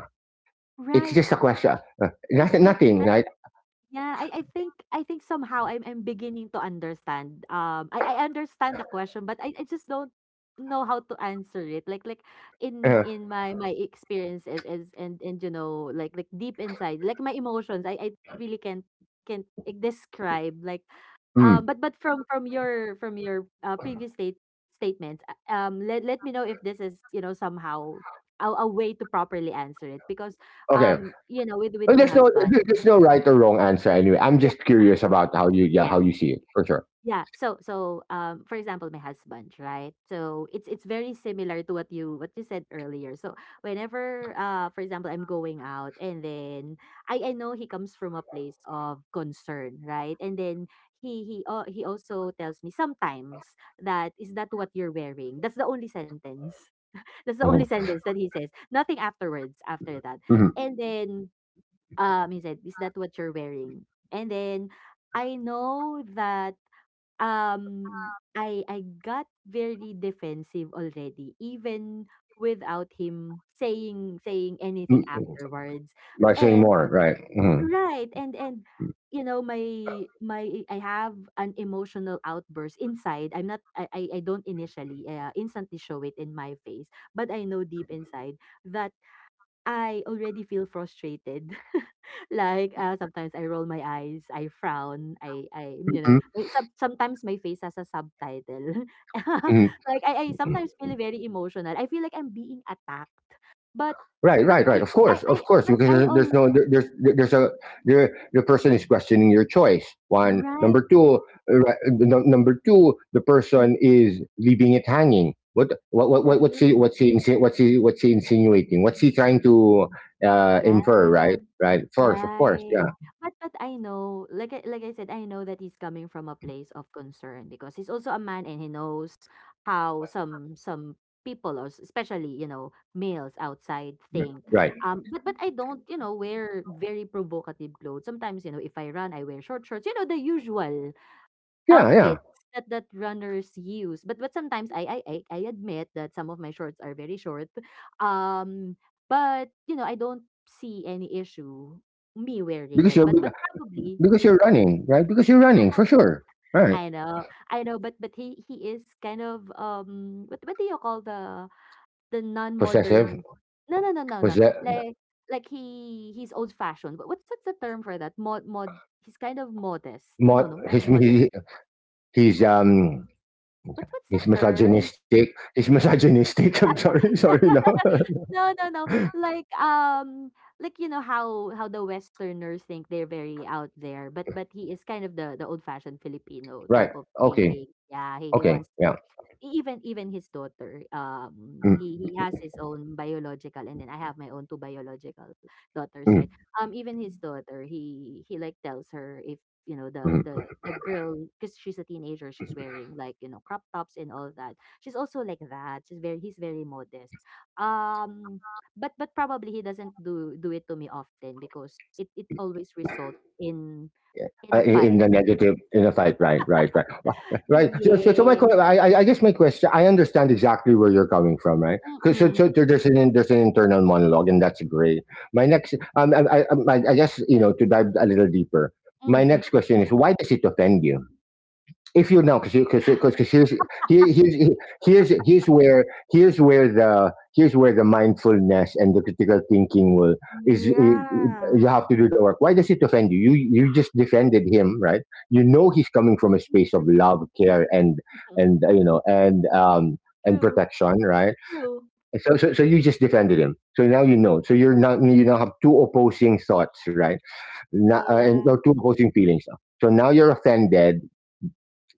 Speaker 1: It's
Speaker 2: Right.
Speaker 1: just a question.
Speaker 2: So, th
Speaker 1: Nothing,
Speaker 2: that
Speaker 1: nothing,
Speaker 2: that
Speaker 1: right?
Speaker 2: yeah, I think I think somehow I'm beginning to understand. I understand the question, but I just don't know how to answer it. Like
Speaker 1: Uh,
Speaker 2: in my my experiences is and you know like deep inside, like my emotions, I really can't like, describe like
Speaker 1: mm,
Speaker 2: but from from your previous statements let let me know if this is you know somehow a way to properly answer it because
Speaker 1: okay.
Speaker 2: you know with
Speaker 1: Well,
Speaker 2: my
Speaker 1: there's no
Speaker 2: husband
Speaker 1: there- there's no right or wrong answer anyway. I'm
Speaker 2: yeah
Speaker 1: just curious about how you yeah, how
Speaker 2: yes.
Speaker 1: you see it for sure.
Speaker 2: Yeah. So so for example, my husband, right? So it's very similar to what you said earlier. So whenever for example I'm going out and then I know he comes from a place of concern, right? And then he also tells me sometimes that is that what you're wearing? That's the only sentence. That's the only
Speaker 1: Mhm.
Speaker 2: sentence that he says. Nothing afterwards after that.
Speaker 1: Mhm.
Speaker 2: And then he said, "Is that what you're wearing?" And then I know that I got very defensive already, even without him saying
Speaker 1: Mm,
Speaker 2: anything
Speaker 1: mm.
Speaker 2: afterwards.
Speaker 1: By saying
Speaker 2: And
Speaker 1: more, right? Mhm.
Speaker 2: right, and you know my my I have an emotional outburst inside. I'm not I don't initially instantly show it in my face, but I know deep inside that I already feel frustrated. Like sometimes I roll my eyes, I frown, I you know,
Speaker 1: Mhm.
Speaker 2: sometimes my face has a subtitle.
Speaker 1: Mhm.
Speaker 2: Like I
Speaker 1: Mhm.
Speaker 2: sometimes feel very emotional. I feel like I'm being attacked. But
Speaker 1: Right,
Speaker 2: but
Speaker 1: right,
Speaker 2: I
Speaker 1: right.
Speaker 2: I
Speaker 1: Of course,
Speaker 2: but
Speaker 1: because
Speaker 2: I
Speaker 1: there-
Speaker 2: all
Speaker 1: there's no there- there's there- there's a the person is questioning your choice. One,
Speaker 2: right.
Speaker 1: number two, right, the number two, the
Speaker 2: Mm,
Speaker 1: person is leaving it hanging.
Speaker 2: true.
Speaker 1: What's he insinuating? What's he trying to
Speaker 2: Yeah.
Speaker 1: infer? Right, right. Of course, yeah,
Speaker 2: Right. But I know, like I said, I know that he's coming from a place of concern because he's also a man and he knows how some people or especially, you know, males outside think.
Speaker 1: right.
Speaker 2: But I don't, you know, wear very provocative clothes. Sometimes, you know, if I run, I wear short shorts, you know, the usual
Speaker 1: Yeah, yeah.
Speaker 2: outfits that that runners use. But sometimes I admit that some of my shorts are very short. Um, but you know I don't see any issue me wearing
Speaker 1: because
Speaker 2: it.
Speaker 1: you're
Speaker 2: But probably
Speaker 1: because you're running, right? Because you're running for sure, right?
Speaker 2: I know I know. But he is kind of what do you call the non
Speaker 1: Possessive.
Speaker 2: modern? No no no no no
Speaker 1: Possess,
Speaker 2: like. Like he he's old fashioned. What's the term for that? Mod mod. He's kind of modest. No
Speaker 1: mod,
Speaker 2: no not
Speaker 1: he's
Speaker 2: modest.
Speaker 1: he, he's
Speaker 2: But what's the
Speaker 1: He's
Speaker 2: term?
Speaker 1: misogynistic. He's misogynistic. I'm sorry, sorry, no.
Speaker 2: No, no, no. Like um like you know how the westerners think they're very out there, but he is kind of the old-fashioned Filipino
Speaker 1: Right?
Speaker 2: type of
Speaker 1: Okay,
Speaker 2: thinking. Yeah, he
Speaker 1: okay,
Speaker 2: wants
Speaker 1: yeah.
Speaker 2: to even even his daughter
Speaker 1: Mm,
Speaker 2: he has his own biological and then I have my own two biological daughters, right?
Speaker 1: mm,
Speaker 2: Even his daughter, he like tells her if you know
Speaker 1: mm.
Speaker 2: the girl because she's a teenager she's wearing like you know crop tops and all that she's also like that she's very he's very modest, um, but probably he doesn't do it to me often because it always results in a
Speaker 1: In
Speaker 2: fight.
Speaker 1: the negative, in the fight, right, right, right. Well, right so
Speaker 2: Yes.
Speaker 1: I guess my question. I understand exactly where you're coming from, right? 'Cause
Speaker 2: Mm-mm.
Speaker 1: there's there's an internal monologue, and that's great. My next, I guess, to dive a little deeper, my
Speaker 2: Mm-mm,
Speaker 1: next
Speaker 2: mm-mm.
Speaker 1: question is, why does it offend you? If you know. Because here, here's here's here's where here's where the mindfulness and the critical thinking will is I-
Speaker 2: Yeah.
Speaker 1: You have to do the work. Why does it offend you? You just defended him, right? You know he's coming from a space of
Speaker 2: Mm,
Speaker 1: love, care,
Speaker 2: mm.
Speaker 1: and you know and
Speaker 2: True.
Speaker 1: protection, right?
Speaker 2: True.
Speaker 1: So you just defended him. So now you know. So you're not
Speaker 2: Oh,
Speaker 1: you now have two opposing thoughts, right? Not, and
Speaker 2: yeah.
Speaker 1: or two opposing feelings. So now you're offended.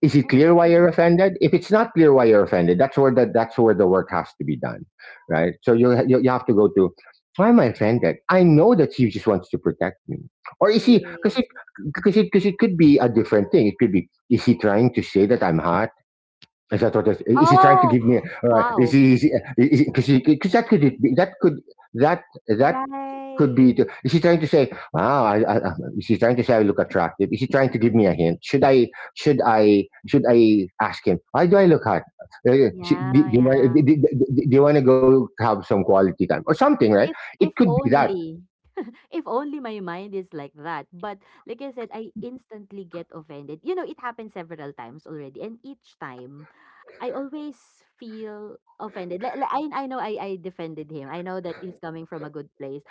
Speaker 1: Is it clear why
Speaker 2: Mm-mm.
Speaker 1: you're offended? If it's not clear why you're offended, that's where the work has to be done, right? So you have to go to, why am I
Speaker 2: Big
Speaker 1: offended? I
Speaker 2: one.
Speaker 1: know that he just wants to protect me. Or is he? Because
Speaker 2: Yes.
Speaker 1: it could be a different thing. It could be, is he trying to say that I'm hot? Is that what? Is he trying to
Speaker 2: Oh,
Speaker 1: give me? Is
Speaker 2: wow.
Speaker 1: he? Is he? Because that could it be, that that could be to,
Speaker 2: Right.
Speaker 1: is he trying to say, wow, is he trying to say I look attractive? Is he trying to give me a hint? Should I ask him, why do I look hot?
Speaker 2: Yeah, yeah.
Speaker 1: Do you want to go have some quality time or something, right? It
Speaker 2: If
Speaker 1: could be that.
Speaker 2: only. If only my mind is like that. But like I said, I instantly get offended. You know, it happened several times already. And each time, I always feel offended. Like, I know I defended him. I know that he's coming from a good place.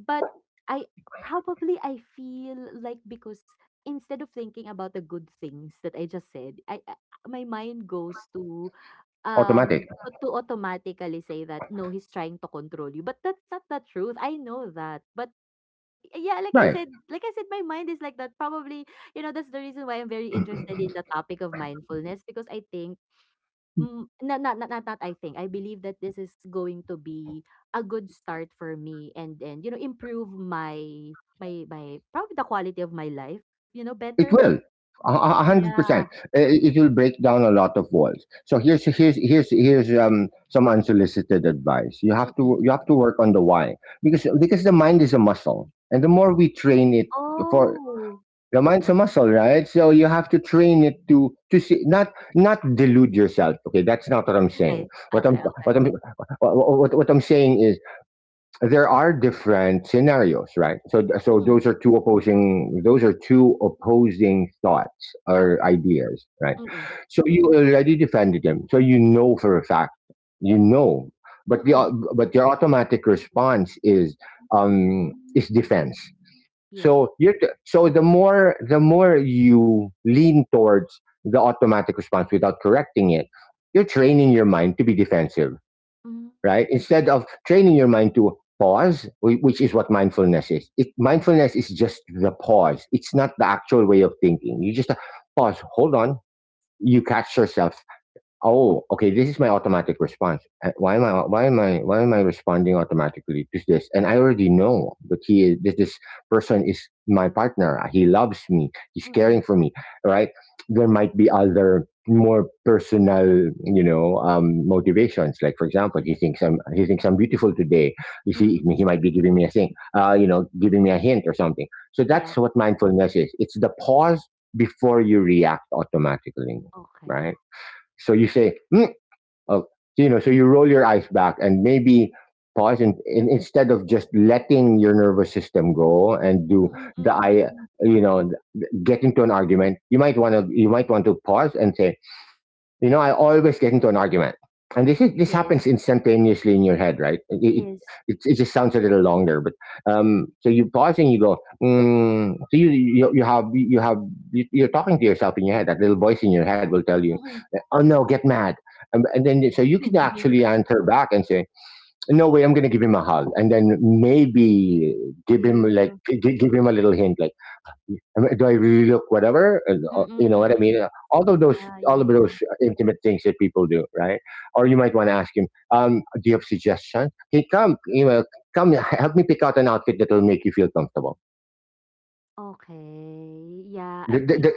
Speaker 2: But I probably I feel like because instead of thinking about the good things that I just said, I my mind goes to
Speaker 1: Automatic,
Speaker 2: to automatically say that, "No, he's trying to control you," but that's not the truth, I know that. But yeah,
Speaker 1: right?
Speaker 2: like I said, my mind is like that. Probably, you know, that's the reason why I'm very interested in the topic of mindfulness because I think mm, not not not not not I think, I believe that this is going to be a good start for me and, you know, improve my my my probably the quality of my life, you know,
Speaker 1: It
Speaker 2: better?
Speaker 1: will. A hundred
Speaker 2: Yeah,
Speaker 1: percent. It will break down a lot of walls. So, here's here's here's here's some unsolicited advice. You have to
Speaker 2: mm.
Speaker 1: you have to work on the why, because the mind is a muscle, and the more we train it for
Speaker 2: Oh,
Speaker 1: The mind's a muscle, right? So you have to train it to see, not delude yourself. Okay, that's not what I'm saying.
Speaker 2: okay.
Speaker 1: What I'm,
Speaker 2: Okay. Okay.
Speaker 1: what I'm saying is, there are different scenarios, right? So,
Speaker 2: Mm,
Speaker 1: those are two opposing thoughts or
Speaker 2: okey.
Speaker 1: ideas, right?
Speaker 2: Mm.
Speaker 1: So you already defended them. So you know for a fact, you know, but
Speaker 2: Mm,
Speaker 1: but your automatic response is defense.
Speaker 2: yes.
Speaker 1: So, the more you lean towards the automatic response without correcting it, you're training your mind to be defensive,
Speaker 2: Hmm,
Speaker 1: right? Instead of training your mind to pause, which is what mindfulness is. Mindfulness is just the pause. It's not the actual way of thinking. You just pause, hold on. You catch yourself. Oh, okay, this is my automatic response. Why am I responding automatically to this? And I already know that he is, that this person is my partner. He loves me. He's
Speaker 2: mm,
Speaker 1: caring for me, right? There might be other, more personal, motivations. Like, for example,
Speaker 2: mm,
Speaker 1: He thinks I'm beautiful today. You
Speaker 2: mm,
Speaker 1: see, he might be giving me a thing. Giving me a hint or something. So
Speaker 2: yeah,
Speaker 1: that's what mindfulness is. It's the pause before you react automatically, right?
Speaker 2: okay.
Speaker 1: So you say, mm. Oh, so you roll your eyes back and maybe pause. And instead of just letting your nervous system go and do
Speaker 2: Mm,
Speaker 1: the
Speaker 2: mm,
Speaker 1: I,
Speaker 2: mm.
Speaker 1: you know, get into an argument, you might want to pause and say, I always get into an argument. And this is this
Speaker 2: Yes,
Speaker 1: happens instantaneously in your head, right? It, it,
Speaker 2: yes.
Speaker 1: it, it just sounds a little longer. But so you pause and you go, mm, so you have you have you are talking to yourself in your head. That little voice in your head will tell you,
Speaker 2: Mm.
Speaker 1: "Oh no, get mad," and then so you can actually answer back and say, "No way, I'm going to give him a hug," and then maybe
Speaker 2: Yeah.
Speaker 1: give him a little hint. Like, am I, do I really look whatever?
Speaker 2: Mm,
Speaker 1: You know what I
Speaker 2: mm.
Speaker 1: mean. All of those,
Speaker 2: Yeah, yeah,
Speaker 1: all of
Speaker 2: yeah.
Speaker 1: those intimate things that people do, right? Or you might want to ask him, "Do you have suggestions? Hey, come, come, help me pick out an outfit that will make you feel comfortable."
Speaker 2: Okay. Yeah, I
Speaker 1: Th- th-
Speaker 2: think
Speaker 1: th-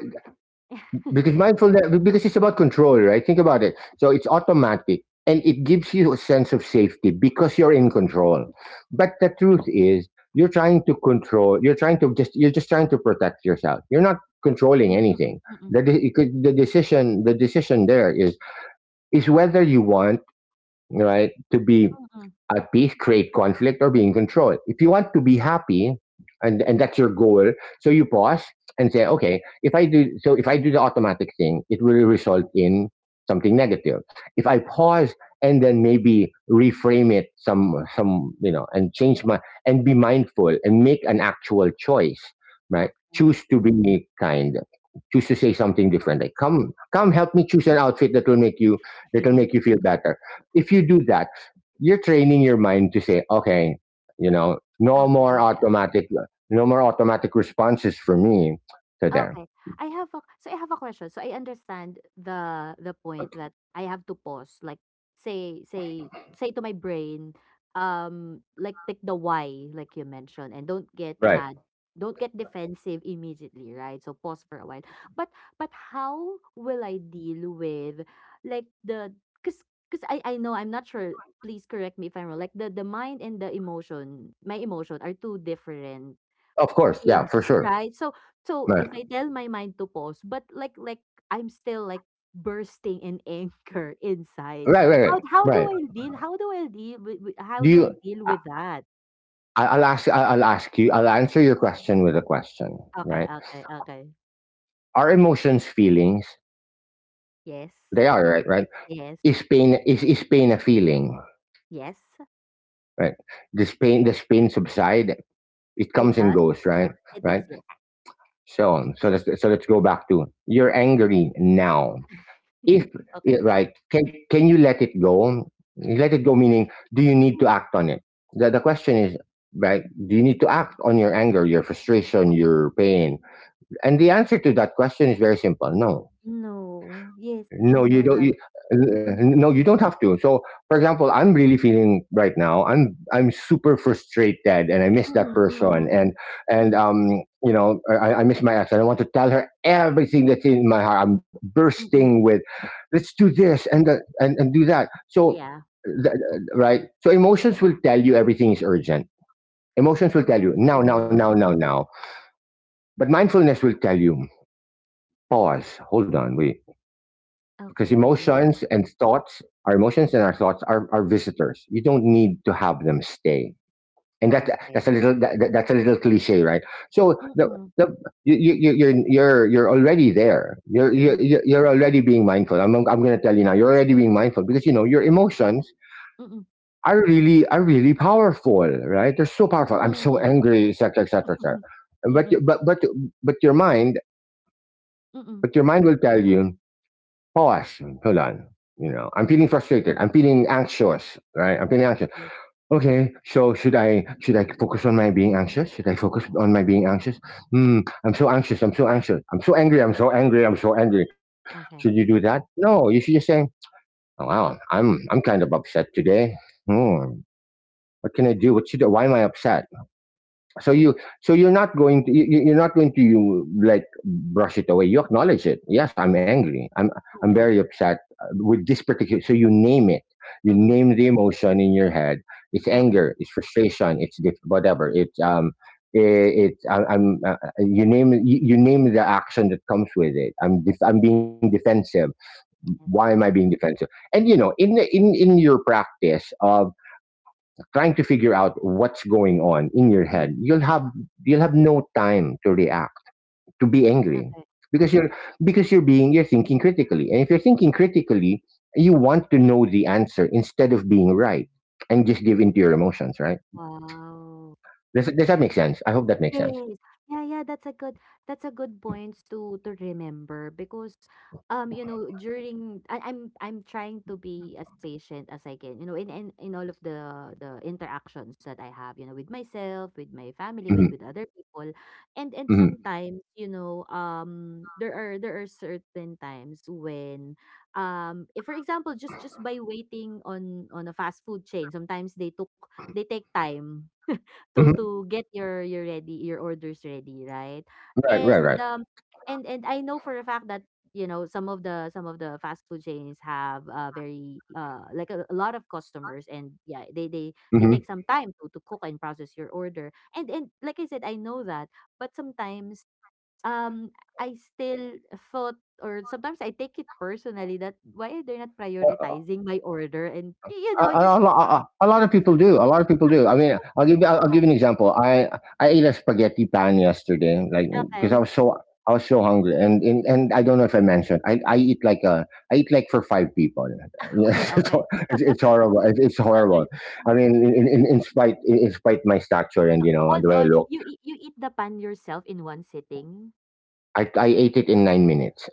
Speaker 1: because mindfulness, because it's about control, right? Think about it. So it's automatic, and it gives you a sense of safety, because you're in control. But the truth is, you're trying to control, you're just trying to protect yourself. You're not controlling
Speaker 2: mm, mm, mm,
Speaker 1: anything.
Speaker 2: mm,
Speaker 1: The, de- you could- The decision there is whether you want, right, to be
Speaker 2: mm.
Speaker 1: at peace, create conflict, or be in control. If you want to be happy, and that's your goal, so you pause and say, okay, if if I do the automatic thing, it will result in something negative. If I pause and then maybe reframe it, some you know and change my and be mindful and make an actual choice, right?
Speaker 2: Okay.
Speaker 1: Choose to be kind. Choose to say something
Speaker 2: So
Speaker 1: different. Like, come,
Speaker 2: I
Speaker 1: help me choose an outfit that will make you. That will make you feel better. If you do that, you're training your mind to say, okay, you know, no
Speaker 2: okay,
Speaker 1: more
Speaker 2: okay, okay.
Speaker 1: automatic, no more automatic responses for me. So there.
Speaker 2: Okay. I have a so I have a question. So I understand the point that I have to pause, like say say say to my brain, like take the why, like you mentioned, and don't get
Speaker 1: Right.
Speaker 2: mad, don't get defensive immediately, right? So pause for a while. But how will I deal with like the cause I know I'm not sure. Please correct me if I'm wrong. Like the mind and the emotion, my emotion are two different
Speaker 1: Of course, yeah,
Speaker 2: things,
Speaker 1: for sure,
Speaker 2: right? So so
Speaker 1: right,
Speaker 2: if I tell my mind to pause, but like I'm still like bursting in anger inside.
Speaker 1: right, right, right.
Speaker 2: How do
Speaker 1: Right.
Speaker 2: I deal? How do I deal with how
Speaker 1: Do
Speaker 2: do I
Speaker 1: you?
Speaker 2: deal with that?
Speaker 1: I'll ask. I'll ask you. I'll answer your question with a question,
Speaker 2: Okay,
Speaker 1: right?
Speaker 2: okay, okay.
Speaker 1: Are emotions feelings?
Speaker 2: Yes.
Speaker 1: They are, right? Right?
Speaker 2: Yes.
Speaker 1: Is pain a feeling?
Speaker 2: Yes.
Speaker 1: Right? Does pain subside? It
Speaker 2: It
Speaker 1: comes and
Speaker 2: does.
Speaker 1: goes, right?
Speaker 2: It does,
Speaker 1: Right?
Speaker 2: yes.
Speaker 1: So, let's go back to, you're angry now. If
Speaker 2: Okay.
Speaker 1: Yeah, right, can you let it go? Let it go, meaning, do you need to act on it? The question is, right, do you need to act on your anger, your frustration, your pain? And the answer to that question is very simple. No.
Speaker 2: No. Yes, I
Speaker 1: No, you
Speaker 2: know
Speaker 1: don't.
Speaker 2: that.
Speaker 1: Uh,
Speaker 2: Mm-mm,
Speaker 1: no, you don't have to. So, for example, I'm really feeling right now. I'm super frustrated, and I miss that
Speaker 2: mm-mm, mm-mm,
Speaker 1: person, and and
Speaker 2: mm-mm,
Speaker 1: um, you know, I, I miss my ex, and I want to tell her everything that's in my heart. I'm bursting
Speaker 2: mm-mm.
Speaker 1: with, let's do this, and the and do that. So,
Speaker 2: Yeah.
Speaker 1: th- right. So emotions will tell you everything is urgent. Emotions will tell you now, now,
Speaker 2: Okay.
Speaker 1: now, now, now. But mindfulness will tell you, pause, hold on, wait, because
Speaker 2: Okay.
Speaker 1: emotions and thoughts our emotions and our thoughts are visitors. You don't need to have them stay, and that,
Speaker 2: Okay.
Speaker 1: that's a little cliche, right. So,
Speaker 2: Mm-mm,
Speaker 1: the you, you you- you're already there.
Speaker 2: mm-mm,
Speaker 1: You're already being mindful. I'm going to tell you now you're already being mindful because you know your emotions
Speaker 2: mm-mm.
Speaker 1: are really powerful, right. They're so powerful, I'm so
Speaker 2: Mm.
Speaker 1: angry, etc., etc., etc. But
Speaker 2: Mm,
Speaker 1: but your mind
Speaker 2: mm.
Speaker 1: but your mind will tell you, pause. Hold on. You know, I'm feeling frustrated. I'm feeling anxious, right? I'm feeling anxious.
Speaker 2: Okay,
Speaker 1: Okay, so should I focus on my being anxious? Should I focus on my being anxious? Hmm, I'm so anxious. I'm so anxious. I'm so angry. I'm so angry. I'm so angry. Should you do
Speaker 2: okay,
Speaker 1: that? No, you should just say, oh, "Wow, I'm kind of upset today. Hmm, what can I do? What should? Why am I upset? So you, so you're not going to you, you're not going to you, like, brush it away. You acknowledge it. Yes, I'm angry, I'm very
Speaker 2: okay.
Speaker 1: upset with this. Particular, so you name it. You
Speaker 2: Mm, mm.
Speaker 1: name the emotion in your head. It's
Speaker 2: Okay,
Speaker 1: anger, it's frustration, it's whatever, it's I'm you name, you name the action that comes with it. I'm being defensive.
Speaker 2: yeah,
Speaker 1: Why
Speaker 2: yeah,
Speaker 1: am
Speaker 2: yeah.
Speaker 1: I being defensive? And you know, in in in your practice of trying to figure out what's going on in your
Speaker 2: Mm,
Speaker 1: head, you'll have no time to react, to be angry,
Speaker 2: okay,
Speaker 1: because you're because you're being, you're thinking critically, and if you're thinking critically, you want to know the answer instead of being right and just give into your emotions, right?
Speaker 2: wow.
Speaker 1: Does that make sense? I hope that makes sense.
Speaker 2: Yes. Yeah, yeah, that's a good points to remember because you know during I'm trying to be as patient as I can you know in all of the interactions that I have you know with myself with my family
Speaker 1: hmm
Speaker 2: with other people and
Speaker 1: hmm
Speaker 2: sometimes you know there are certain times when if for example just by waiting on a fast food chain sometimes they take time
Speaker 1: hmm
Speaker 2: to get your orders ready, right?
Speaker 1: right, right,
Speaker 2: And
Speaker 1: right.
Speaker 2: um and I know for a fact that you know some of the fast food chains have very like a lot of customers and yeah they
Speaker 1: Mm-hmm.
Speaker 2: take some time to cook and process your order and like I said I know that but sometimes um I still thought or sometimes I take it personally that why they're not prioritizing my order and you know just
Speaker 1: A, lo a lot of people do, a lot of people do. I mean, I'll
Speaker 2: yeah,
Speaker 1: give you an example. I ate a spaghetti pan yesterday, like, because
Speaker 2: okay.
Speaker 1: I was so hungry, and and I don't know if I mentioned, I eat like for 5 people. Yeah,
Speaker 2: Okay, okay,
Speaker 1: it's horrible, it's horrible.
Speaker 2: okay.
Speaker 1: I mean, in in spite my stature and, you know, the
Speaker 2: Hold
Speaker 1: way I
Speaker 2: on,
Speaker 1: look,
Speaker 2: you eat the pan yourself in one sitting?
Speaker 1: I ate it in 9 minutes.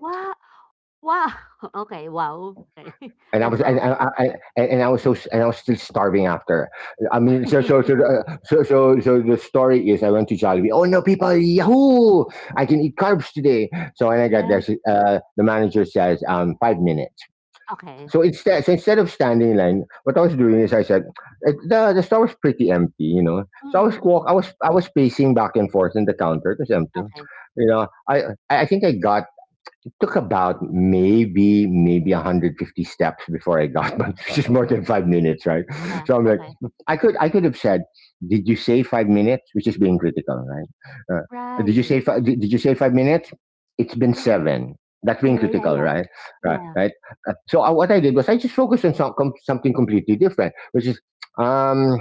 Speaker 2: Wow, wow! Okay, wow. Okay,
Speaker 1: and I
Speaker 2: that's
Speaker 1: was and
Speaker 2: wow.
Speaker 1: I, I and I was so, and I was still starving after. I mean, so the story is I went to Jollibee. Oh no, people! Yahoo! I can eat carbs today. So when I got there,
Speaker 2: Yeah,
Speaker 1: the manager says 5 minutes.
Speaker 2: okay.
Speaker 1: So instead of standing in line, what I was doing is I said, the store was pretty empty, you know."
Speaker 2: Mm, mm,
Speaker 1: So I
Speaker 2: mm,
Speaker 1: was
Speaker 2: mm,
Speaker 1: walk, I was pacing back and forth in the counter. It was empty,
Speaker 2: okay.
Speaker 1: you know. I I think I got it took about maybe 150 steps before I got, but which is more than 5 minutes, right?
Speaker 2: Yeah,
Speaker 1: So I'm like,
Speaker 2: okay.
Speaker 1: I could have said, "Did you say 5 minutes?" Which is being critical, right?
Speaker 2: Right.
Speaker 1: Did you say 5 minutes? It's been
Speaker 2: Mm.
Speaker 1: seven. That's
Speaker 2: Yeah,
Speaker 1: being
Speaker 2: yeah, yeah,
Speaker 1: critical,
Speaker 2: yeah.
Speaker 1: right? Right,
Speaker 2: Yeah.
Speaker 1: right. So I, what I did was I just focused on something completely different, which is um,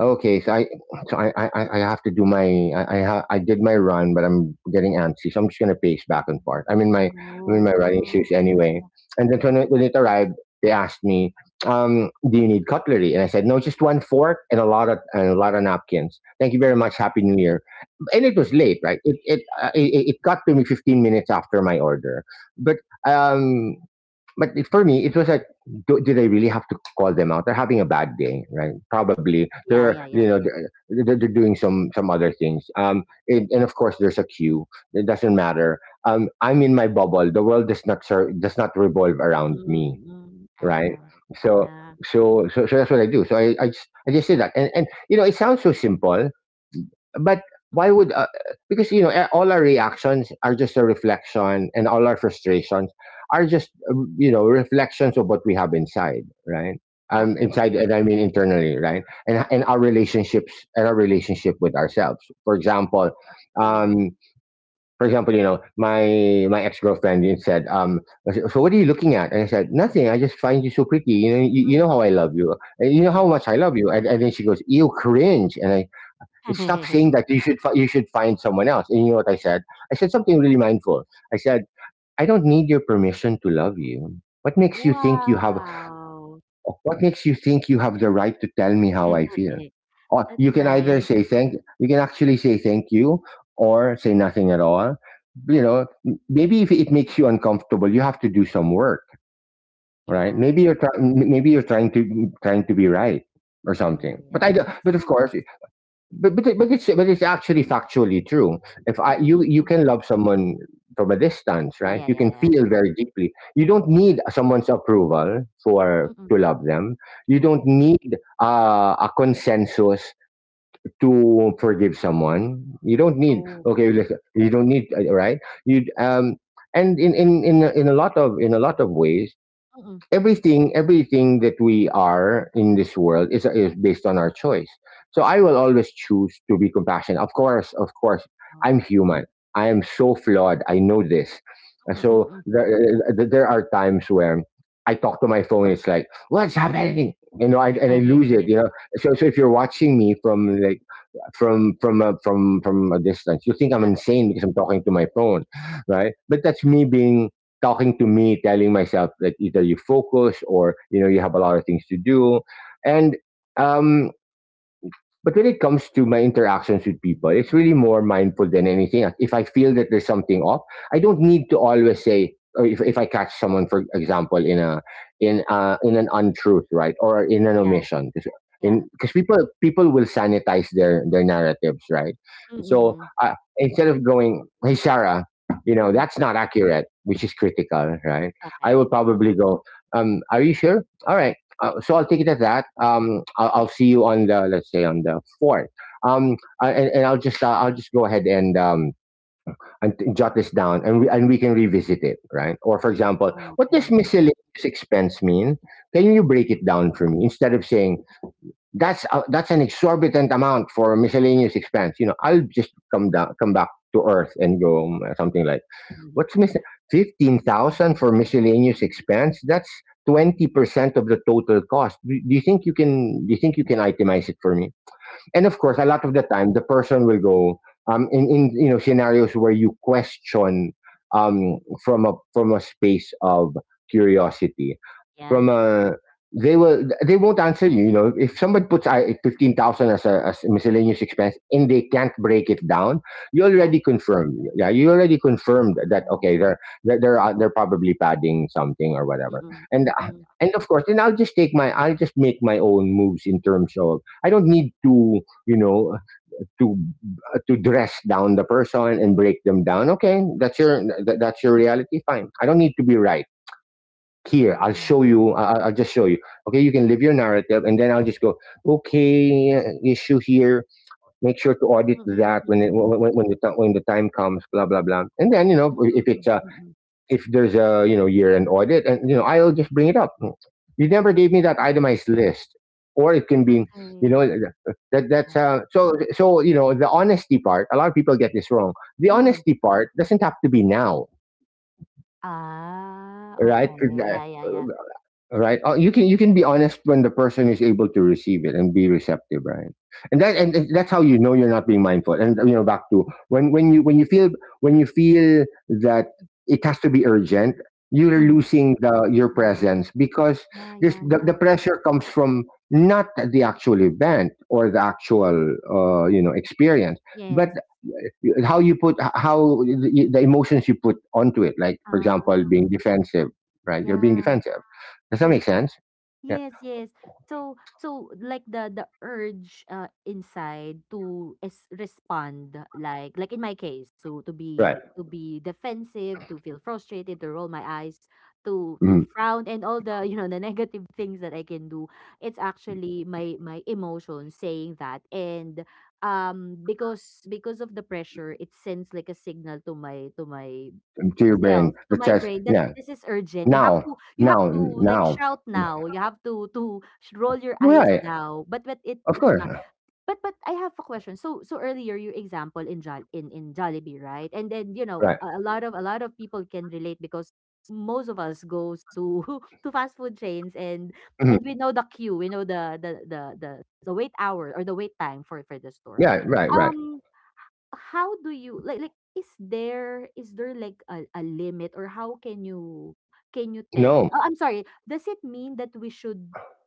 Speaker 1: okay, so I I have to do my, I did my run, but I'm getting antsy, so I'm just gonna pace back and forth. I'm in my running
Speaker 2: Oh,
Speaker 1: shoes
Speaker 2: yeah,
Speaker 1: anyway.
Speaker 2: yeah.
Speaker 1: And then when it arrived, they asked me, "Do you need cutlery?" And I said, "No, just one fork and a lot of and a lot of napkins. Thank you very
Speaker 2: Mm,
Speaker 1: much. Happy New Year." And it was
Speaker 2: mm.
Speaker 1: late, right? It got to me 15 minutes after my order, but um but for me, it was like, did I really have to call them out? They're having a bad day, right? Probably
Speaker 2: Yeah,
Speaker 1: they're,
Speaker 2: yeah,
Speaker 1: you
Speaker 2: yeah.
Speaker 1: know, they're doing some other things. It, and of course, there's a queue. It doesn't matter. I'm in my bubble. The world does not does not revolve around me,
Speaker 2: Mm, mm, I
Speaker 1: right?
Speaker 2: know. Right.
Speaker 1: So,
Speaker 2: Yeah.
Speaker 1: so that's what I do. So I just say that, and you know, it sounds so simple, but
Speaker 2: Mm,
Speaker 1: why would because you know all our reactions are just a reflection, and all our frustrations are just you know, reflections of what we have inside, right? Um, inside,
Speaker 2: okay,
Speaker 1: and I mean internally, right? And our relationships and our relationship with ourselves, for example. Um,
Speaker 2: true.
Speaker 1: for example, you know, my ex-girlfriend said, "So what are you looking at?" And I said, "Nothing, I just find you so pretty. You know you
Speaker 2: Mm,
Speaker 1: know how I love you and you know how
Speaker 2: yeah.
Speaker 1: much I love you." And then she goes, "You cringe, and I stop saying that. You should you should find someone else." And you know what I said, I said something really mindful. I said, "I don't need your permission to love you. what makes you think you have
Speaker 2: Wow!
Speaker 1: what makes you think you have the right to tell me how I feel? Or
Speaker 2: That's
Speaker 1: you can either
Speaker 2: nice.
Speaker 1: say thank you, can actually say thank you, or say nothing at all. You
Speaker 2: Yeah.
Speaker 1: know, maybe if it makes you uncomfortable, you have to do some work, right?
Speaker 2: Yeah.
Speaker 1: Maybe you're trying, maybe you're trying to trying to be right or
Speaker 2: Yeah, yeah,
Speaker 1: something." But I do,
Speaker 2: yeah. That's
Speaker 1: but of
Speaker 2: nice.
Speaker 1: course, but it's actually factually true. If
Speaker 2: Mm,
Speaker 1: I,
Speaker 2: mm,
Speaker 1: you
Speaker 2: mm.
Speaker 1: you
Speaker 2: mm.
Speaker 1: can love someone from a distance,
Speaker 2: Yeah,
Speaker 1: right?
Speaker 2: yeah,
Speaker 1: You can
Speaker 2: yeah, yeah.
Speaker 1: feel very deeply. You
Speaker 2: That's
Speaker 1: don't
Speaker 2: true.
Speaker 1: need someone's approval for
Speaker 2: Mm, mm.
Speaker 1: to love them. You
Speaker 2: yeah.
Speaker 1: don't need a consensus to forgive someone. You don't need
Speaker 2: Oh.
Speaker 1: okay. Listen, you don't need right. You um, and in a lot of, in a lot of ways,
Speaker 2: Mm. mm.
Speaker 1: everything that we are in this world is based on our choice. So I will always choose to be compassionate. Of course, of course,
Speaker 2: Oh.
Speaker 1: I'm human. I am so flawed, I know this. And
Speaker 2: Mm,
Speaker 1: so
Speaker 2: mm.
Speaker 1: there there are times where I talk to my phone, it's like, "What's happening?" You know, and
Speaker 2: Oo.
Speaker 1: I lose it, you know. So so if you're watching me from, like, from a distance, you think I'm insane because I'm talking to my phone, right? But that's me being, talking to me, telling myself that either you focus or you know you have a lot of things to do, and um, but when it comes to my interactions with people, it's really more mindful than anything else. If I feel that there's something off, I don't need to always say, or if I catch someone, for example, in a, in an untruth, right, or in an
Speaker 2: Yeah,
Speaker 1: omission, because,
Speaker 2: yeah.
Speaker 1: in, because people, people will sanitize their narratives, right?
Speaker 2: Mm,
Speaker 1: So
Speaker 2: mm.
Speaker 1: instead of going, "Hey Sarah, you
Speaker 2: Mm,
Speaker 1: know
Speaker 2: mm.
Speaker 1: that's not accurate," which is critical, right? I will
Speaker 2: Okay.
Speaker 1: probably go, "Are you sure? All right." Uh, so I'll take it at that. I'll see you on the, let's say on the fourth. Um, and I'll just go ahead, and jot this down, and and we can revisit it, right? Or for example, what does
Speaker 2: Okay.
Speaker 1: miscellaneous expense mean? Can you break it down for me instead of saying, "That's that's an exorbitant amount for miscellaneous expense?" You know, I'll just come down, come back to earth and go, something like,
Speaker 2: Mhm.
Speaker 1: what's missing? 15,000 for miscellaneous expense? That's 20% of the total cost. Do you think you can, itemize it for me? And of course, a lot of the time the person will go in scenarios where you question um from a space of curiosity
Speaker 2: Yeah,
Speaker 1: from they won't answer you. You know, if somebody puts 15,000 as a miscellaneous expense and they can't break it down, you
Speaker 2: yeah.
Speaker 1: already confirmed yeah, you already confirmed that,
Speaker 2: Mm.
Speaker 1: okay, they're probably padding something or whatever.
Speaker 2: Mm,
Speaker 1: And
Speaker 2: mm.
Speaker 1: and of course then I'll just make my own moves in terms of, I don't need to, you know to to dress down the person and break them down. Okay, that's your reality, fine. I don't need to be right here.
Speaker 2: Ah.
Speaker 1: I'll just show you. Okay, you can live your narrative and then I'll just go, okay, issue here, make sure to audit
Speaker 2: Mm,
Speaker 1: that
Speaker 2: mm.
Speaker 1: when
Speaker 2: Mm,
Speaker 1: when the time comes, blah blah blah. And then, you know,
Speaker 2: mm,
Speaker 1: if
Speaker 2: mm.
Speaker 1: it's
Speaker 2: Mm, mm,
Speaker 1: if there's a, you know, year end audit, and you know, I'll just bring it up. You never gave me that
Speaker 2: mm.
Speaker 1: itemized list. Or it can be, you know,
Speaker 2: Okay.
Speaker 1: that that's
Speaker 2: Yeah.
Speaker 1: you know, the honesty part, a lot of people get this wrong. The
Speaker 2: Mm. Mm.
Speaker 1: honesty part doesn't have to be now,
Speaker 2: Ah,
Speaker 1: right?
Speaker 2: okay. Yeah, yeah, yeah.
Speaker 1: Right. Oh, you can, you can be honest when the person is able to receive it and be receptive, right? And that's how you know you're not being mindful. And you know, back to when you, when you feel, when you feel that
Speaker 2: Mm.
Speaker 1: it has to be urgent, you're
Speaker 2: Mhm.
Speaker 1: losing the your
Speaker 2: Oh.
Speaker 1: presence. Because
Speaker 2: Yeah,
Speaker 1: there's
Speaker 2: yeah,
Speaker 1: the
Speaker 2: yeah.
Speaker 1: pressure comes from not the actual event or the actual, you know, experience, but
Speaker 2: Yes.
Speaker 1: how you put how the emotions you put onto it, like, for
Speaker 2: Uh,
Speaker 1: example, being defensive, right? You're being
Speaker 2: yeah,
Speaker 1: defensive. Does that
Speaker 2: true.
Speaker 1: make sense? Yeah.
Speaker 2: Yes, yes. So like the urge inside to is respond like in my case to to
Speaker 1: Right.
Speaker 2: be to be defensive, to feel frustrated, to roll my eyes, to
Speaker 1: mm,
Speaker 2: frown, and all the the negative things that I can do. It's actually my emotion saying that, and because of the pressure it sends like a signal to my
Speaker 1: to your brain
Speaker 2: self, to
Speaker 1: that
Speaker 2: my
Speaker 1: says,
Speaker 2: brain, that
Speaker 1: yeah,
Speaker 2: this is urgent. You have
Speaker 1: now,
Speaker 2: to you have
Speaker 1: now,
Speaker 2: to like
Speaker 1: now.
Speaker 2: shout now. You have to roll your eyes
Speaker 1: Right.
Speaker 2: now. But it
Speaker 1: Of
Speaker 2: it's
Speaker 1: course.
Speaker 2: not. But I have a question. So earlier your example in Jollibee, right? And then
Speaker 1: Right.
Speaker 2: a lot of people can relate, because most of us goes to to fast food chains, and
Speaker 1: Mhm.
Speaker 2: and we know the queue. We know the wait hour, or the wait time for the store.
Speaker 1: Yeah. Right. Right.
Speaker 2: Um how do you, like is there like a limit, or how can you tell?
Speaker 1: No.
Speaker 2: Oh, I'm sorry, does it mean that we should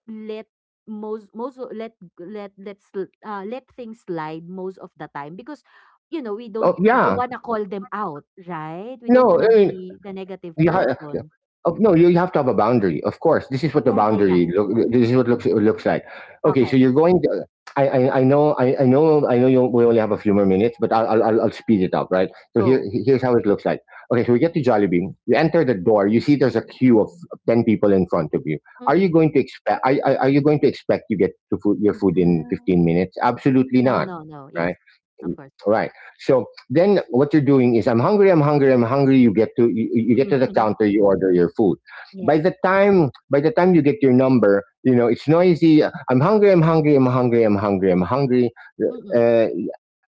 Speaker 2: let most most o- let let let's let things slide most of the time? Because we don't
Speaker 1: Oh
Speaker 2: we don't
Speaker 1: yeah,
Speaker 2: want to call them out, right? We don't
Speaker 1: no,
Speaker 2: want to
Speaker 1: I mean,
Speaker 2: be the negative
Speaker 1: you have,
Speaker 2: person.
Speaker 1: oh, no, you have to have a boundary. Of course, this is what the
Speaker 2: Yeah, yeah, yeah.
Speaker 1: boundary look. This is what looks it looks like. Okay, so
Speaker 2: Okay.
Speaker 1: you're going to, I know, I know you, we only have a few more minutes, but I'll speed it up, right? So
Speaker 2: Go.
Speaker 1: here's how it looks like. Okay, so we get to Jollibee. You enter the door. You see there's a queue of 10 people in front of you. Are you
Speaker 2: Mm-mm.
Speaker 1: going to expect? Are you going to expect you get to your food in
Speaker 2: Ah.
Speaker 1: 15 minutes? Absolutely
Speaker 2: No,
Speaker 1: not,
Speaker 2: no, no. Yes,
Speaker 1: right?
Speaker 2: of course.
Speaker 1: Right. So then what you're doing is, I'm hungry, I'm hungry, I'm hungry. You get to, you get to the counter, you order your food.
Speaker 2: Yes.
Speaker 1: By the time you get your number, you know, it's noisy, I'm hungry, I'm hungry, I'm hungry, I'm hungry, I'm hungry,
Speaker 2: Mm-mm.
Speaker 1: uh,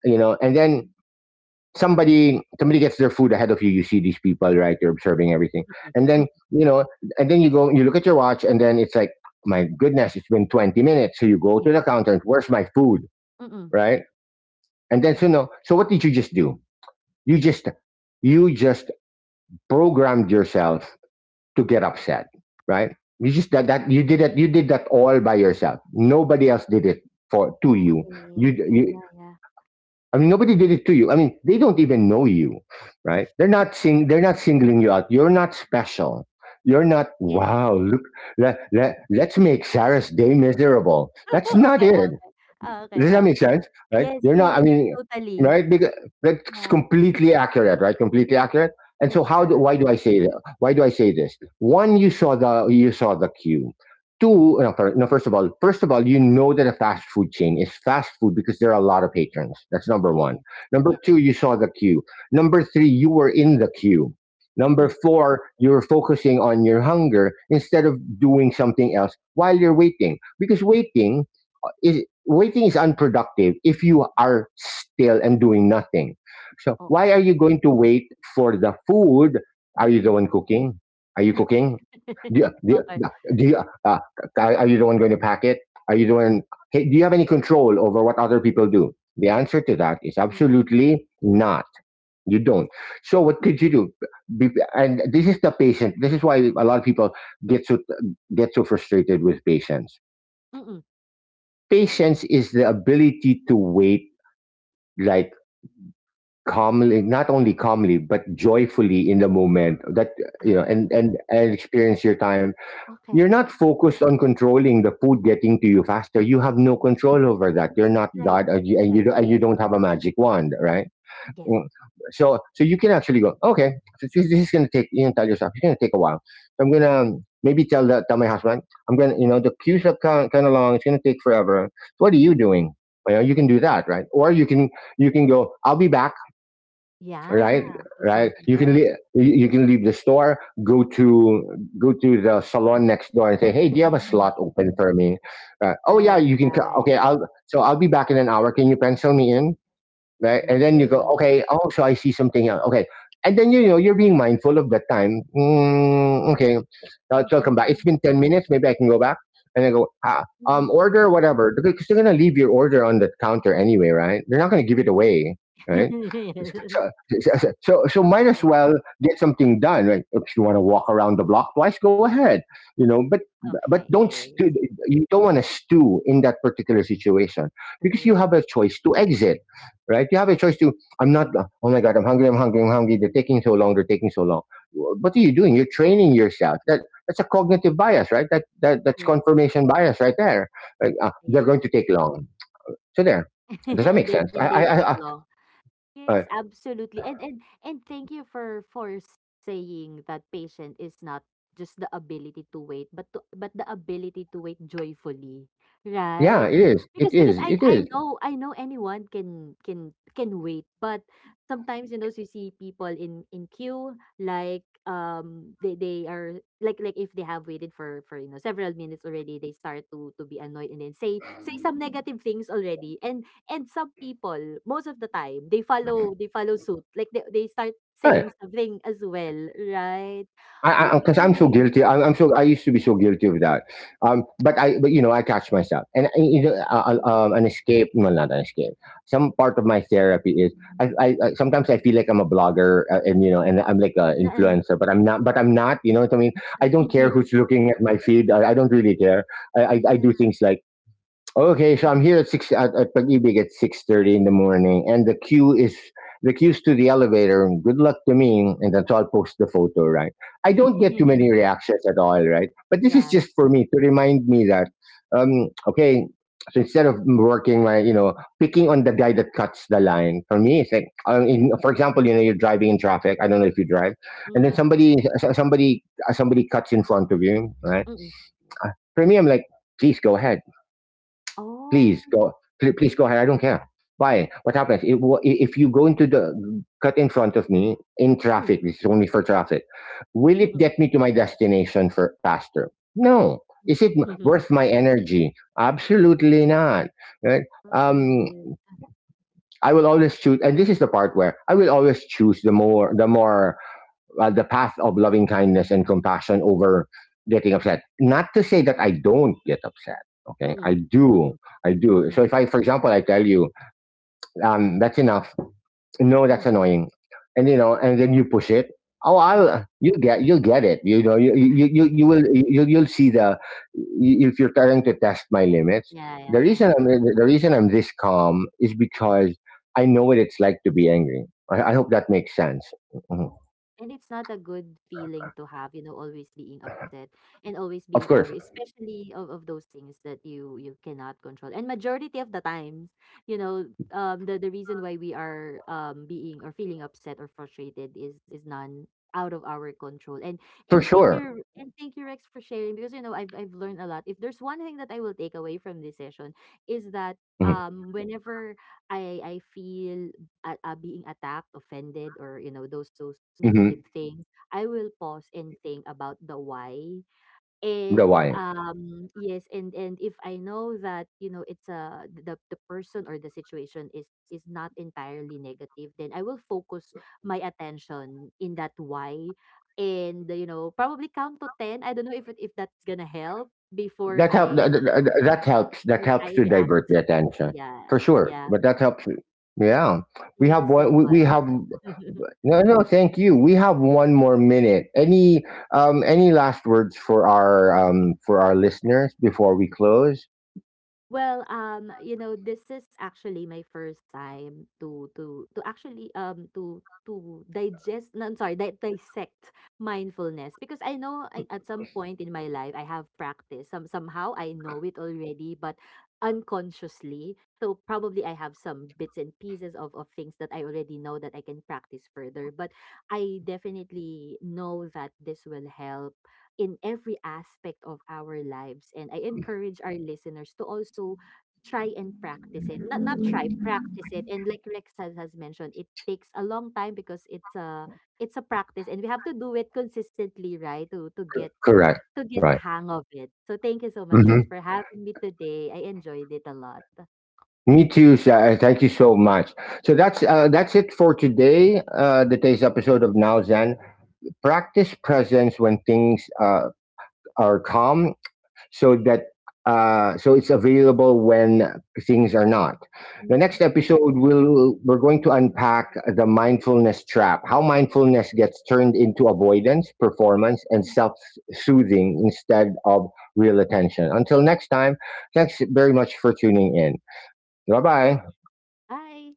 Speaker 1: you know. And then somebody gets their food ahead of you. You see these people, right? You're observing everything.
Speaker 2: Mm-mm.
Speaker 1: And then,
Speaker 2: Mm-mm.
Speaker 1: you know, and then you go, you look at your watch, and then it's like, my goodness, it's been 20 minutes. So you go to
Speaker 2: Yes.
Speaker 1: the counter, and where's my food,
Speaker 2: Mm-mm.
Speaker 1: right? And then so, no, so what did you just do? You just you just programmed yourself to get upset, right? You just, that you did that, you did that all by yourself. Nobody else did it for to you. You
Speaker 2: Okay, yeah,
Speaker 1: you
Speaker 2: yeah, yeah.
Speaker 1: I mean, nobody did it to you. I mean, they don't even know you, right? They're not sing they're not singling you out. You're not special. You're not,
Speaker 2: Yes.
Speaker 1: wow, look, let's make Sarah's day miserable. That's
Speaker 2: Oh,
Speaker 1: not
Speaker 2: okay, oh,
Speaker 1: it.
Speaker 2: okay. Oh, okay,
Speaker 1: Does that
Speaker 2: oh,
Speaker 1: make
Speaker 2: okay.
Speaker 1: sense? Right?
Speaker 2: Yes,
Speaker 1: You're not. I
Speaker 2: yes,
Speaker 1: mean,
Speaker 2: totally.
Speaker 1: right? Because that's
Speaker 2: Yeah,
Speaker 1: completely accurate, right? Completely accurate. And so how, do,
Speaker 2: super.
Speaker 1: why do I say that? Why do I say this? One, you saw the queue. Two, no, first of all, you know that a fast food chain is fast food because there are a lot of patrons. That's number one.
Speaker 2: Yes,
Speaker 1: Number
Speaker 2: yes.
Speaker 1: two, you saw the queue. Number three, you were in the queue. Number
Speaker 2: Mm-mm.
Speaker 1: four, you're focusing on your hunger instead of doing something else while you're waiting. Because waiting is unproductive if you are still and doing nothing. So why are
Speaker 2: Okay.
Speaker 1: you going to wait for the food? Are you the
Speaker 2: Mm-mm.
Speaker 1: one cooking? Are you cooking? Do you, do
Speaker 2: Okay.
Speaker 1: you, do you, uh, uh, are you the one going to pack it? Are you the one? Hey, do you have any control over what other people
Speaker 2: Mm,
Speaker 1: do? The answer to that is
Speaker 2: no,
Speaker 1: absolutely not. You don't.
Speaker 2: yes.
Speaker 1: So what could you do? Be, and this is the patient. This is why a lot of people get so get so frustrated with patients.
Speaker 2: Mm-mm.
Speaker 1: Patience is the ability to wait, like, calmly, not only calmly, but joyfully in the moment that, you know,
Speaker 2: Ah,
Speaker 1: and experience your time. You're
Speaker 2: okay.
Speaker 1: not focused on controlling the food getting to you faster. You have no control over that. You're not
Speaker 2: Right,
Speaker 1: God,
Speaker 2: right, right.
Speaker 1: and you don't have a magic wand, right?
Speaker 2: Yes.
Speaker 1: Mm. So so you can actually go, okay, so this is going to take, you can tell yourself, it's going to take a while. So I'm going to, maybe tell my husband, I'm going to, you know, the queues are kind of long. It's going to take forever. So what are you
Speaker 2: Mm.
Speaker 1: doing? You know, you can do that, right? Or you can go, I'll be back,
Speaker 2: Yeah,
Speaker 1: right?
Speaker 2: do
Speaker 1: Right.
Speaker 2: something
Speaker 1: You can leave,
Speaker 2: else.
Speaker 1: you can leave the store, go to, go to the salon next door and say, hey, do you have a slot open for me? Oh yeah,
Speaker 2: Right,
Speaker 1: you can,
Speaker 2: right.
Speaker 1: okay, I'll, so I'll be back in an hour. Can you pencil me in, right? And
Speaker 2: Love
Speaker 1: then you go,
Speaker 2: it.
Speaker 1: okay, oh, so I see something else. Okay. And then, you know, you're being mindful of that time. Mm, okay. Now, so I'll come back. It's
Speaker 2: Mm-mm.
Speaker 1: been 10 minutes. Maybe I can go back. And I go, ah,
Speaker 2: Mm-mm. Mm-mm.
Speaker 1: order whatever. Because they're going to leave your order on the counter anyway, right? They're not going to give it away, right? So,
Speaker 2: Yes.
Speaker 1: so, so might as
Speaker 2: Right.
Speaker 1: well get something done. Right? If you want to walk around the block twice, go ahead. You know, but don't
Speaker 2: Okay,
Speaker 1: stew, you don't want to stew in that particular situation, because you
Speaker 2: so.
Speaker 1: have a choice to exit, right? You have a choice to, I'm not, oh my God, I'm hungry, I'm hungry, I'm hungry. They're taking so long, they're taking so long. What are you doing? You're training yourself. That's a cognitive bias, right? That's
Speaker 2: Yes.
Speaker 1: confirmation bias right there. Like,
Speaker 2: Yeah,
Speaker 1: they're going
Speaker 2: yeah.
Speaker 1: to take long. So there. Does that
Speaker 2: And
Speaker 1: make
Speaker 2: they
Speaker 1: sense?
Speaker 2: and they take
Speaker 1: I
Speaker 2: long.
Speaker 1: uh,
Speaker 2: Yes, absolutely. And thank you for saying that patient is not just the ability to wait, but but the ability to wait joyfully,
Speaker 1: yeah,
Speaker 2: right?
Speaker 1: it is. It
Speaker 2: Because
Speaker 1: is.
Speaker 2: because I
Speaker 1: It is.
Speaker 2: I know I know anyone can wait, but sometimes you see people in queue, like they are like if they have waited for several minutes already, they start to be annoyed, and then say some negative things already, and some people, most of the time, they follow suit. Like they start
Speaker 1: Right.
Speaker 2: saying something as well, right?
Speaker 1: I, because I'm so
Speaker 2: Okay.
Speaker 1: guilty. I used to be so guilty of that. But you know, I catch myself, and you know,
Speaker 2: Mm.
Speaker 1: an escape. Well, not an escape. Some part of my therapy is I sometimes I feel like I'm a blogger, and, you know, and I'm like an
Speaker 2: Oo.
Speaker 1: influencer, but I'm not. But I'm not. You know what I mean? I don't care who's looking at my feed. I don't really care. I do
Speaker 2: Yeah.
Speaker 1: things like, okay, so I'm
Speaker 2: Mm,
Speaker 1: here at at Pag-ibig at 6:30 in the morning, and the queue's to the elevator. And good luck to me, and that's I'll post the photo, right? I don't get too many
Speaker 2: mm.
Speaker 1: reactions at all, right? But this is
Speaker 2: Yes.
Speaker 1: just for me to remind me that, okay. So, instead of you know, picking on the guy that cuts the line, for me, it's like, for example, you know, you're driving in traffic. I don't know if you drive,
Speaker 2: Mm,
Speaker 1: and then
Speaker 2: wow.
Speaker 1: somebody, somebody cuts in front of you, right?
Speaker 2: Mm, mm.
Speaker 1: For me, I'm like, please go ahead.
Speaker 2: Oh.
Speaker 1: Please go. Please go ahead. I don't care. Why? What happens if wha- if you go into the cut in front of me in
Speaker 2: Mm,
Speaker 1: traffic? This is only for traffic. Will
Speaker 2: mm,
Speaker 1: it
Speaker 2: mm.
Speaker 1: get me to my destination for faster? No. Is it worth my energy? Absolutely not. Right? Um,
Speaker 2: Yes.
Speaker 1: I will always choose, and this is the part where I will always choose the path of loving kindness and compassion over getting upset. Not to say that I don't get upset. Okay, I
Speaker 2: Mm, mm,
Speaker 1: do,
Speaker 2: mm,
Speaker 1: I do.
Speaker 2: mm,
Speaker 1: So if I, for example, I tell you, that's enough. No, that's
Speaker 2: mm,
Speaker 1: annoying, and you know, and then you push it. Oh,
Speaker 2: mm, mm.
Speaker 1: I'll you get, you'll get it. You know, you'll see the if you're trying to test my limits.
Speaker 2: Yeah, yeah, yeah.
Speaker 1: The reason I'm this calm is
Speaker 2: Mm.
Speaker 1: because I know what it's like to be angry. I hope that makes sense. Mhm.
Speaker 2: And it's not a good feeling to have, always being upset and always
Speaker 1: Of
Speaker 2: being
Speaker 1: course,
Speaker 2: angry, especially of those things that you cannot control. And majority of the times, the reason why we are being or feeling upset or frustrated is none out of our control. And
Speaker 1: for
Speaker 2: and thank
Speaker 1: sure.
Speaker 2: you. Mhm. And thank you, Rex, for sharing, because I've learned a lot. If there's one thing that I will take away from this session is that,
Speaker 1: Mhm,
Speaker 2: whenever I feel being attacked, offended, or those
Speaker 1: mhm,
Speaker 2: negative things, I will pause and think about the why.
Speaker 1: the
Speaker 2: And
Speaker 1: why.
Speaker 2: yes, and if I know that, it's a the person or the situation is not entirely negative, then I will focus my attention in that why, and probably count to 10. I don't know if that's gonna help before I
Speaker 1: That helps, that helps
Speaker 2: I
Speaker 1: to
Speaker 2: react.
Speaker 1: divert the attention. For
Speaker 2: Yes,
Speaker 1: sure.
Speaker 2: yeah.
Speaker 1: But that helps, yeah.
Speaker 2: Thank you so
Speaker 1: We
Speaker 2: much.
Speaker 1: have no, no thank you. We have one more minute. Any last words for our, for our listeners before we close?
Speaker 2: Well, this is actually my first time to to actually to digest, no, I'm sorry, di dissect mindfulness, because I know, I, at some point in my life, I have practiced somehow, I know it already, but unconsciously. So probably I have some bits and pieces of things that I already know that I can practice further, but I definitely know that this will help in every aspect of our lives. And I encourage our listeners to also try and practice it. Not try, practice it. And like Rex has mentioned, it takes a long time because it's a practice, and we have to do it consistently, right? To to get
Speaker 1: Correct.
Speaker 2: to get the
Speaker 1: Right.
Speaker 2: hang of it. So thank you so much,
Speaker 1: Hmm.
Speaker 2: Rex, for having me today. I enjoyed it a lot.
Speaker 1: Me too. Thank you so much. So that's it for today. The today's episode of Now Zen. Practice presence when things are calm, so that so it's available when things are not. The next
Speaker 2: Mhm.
Speaker 1: episode will We're going to unpack the mindfulness trap, how mindfulness gets turned into avoidance, performance, and self-soothing instead of real attention. Until next time, thanks very much for tuning in. Bye bye.
Speaker 2: Bye.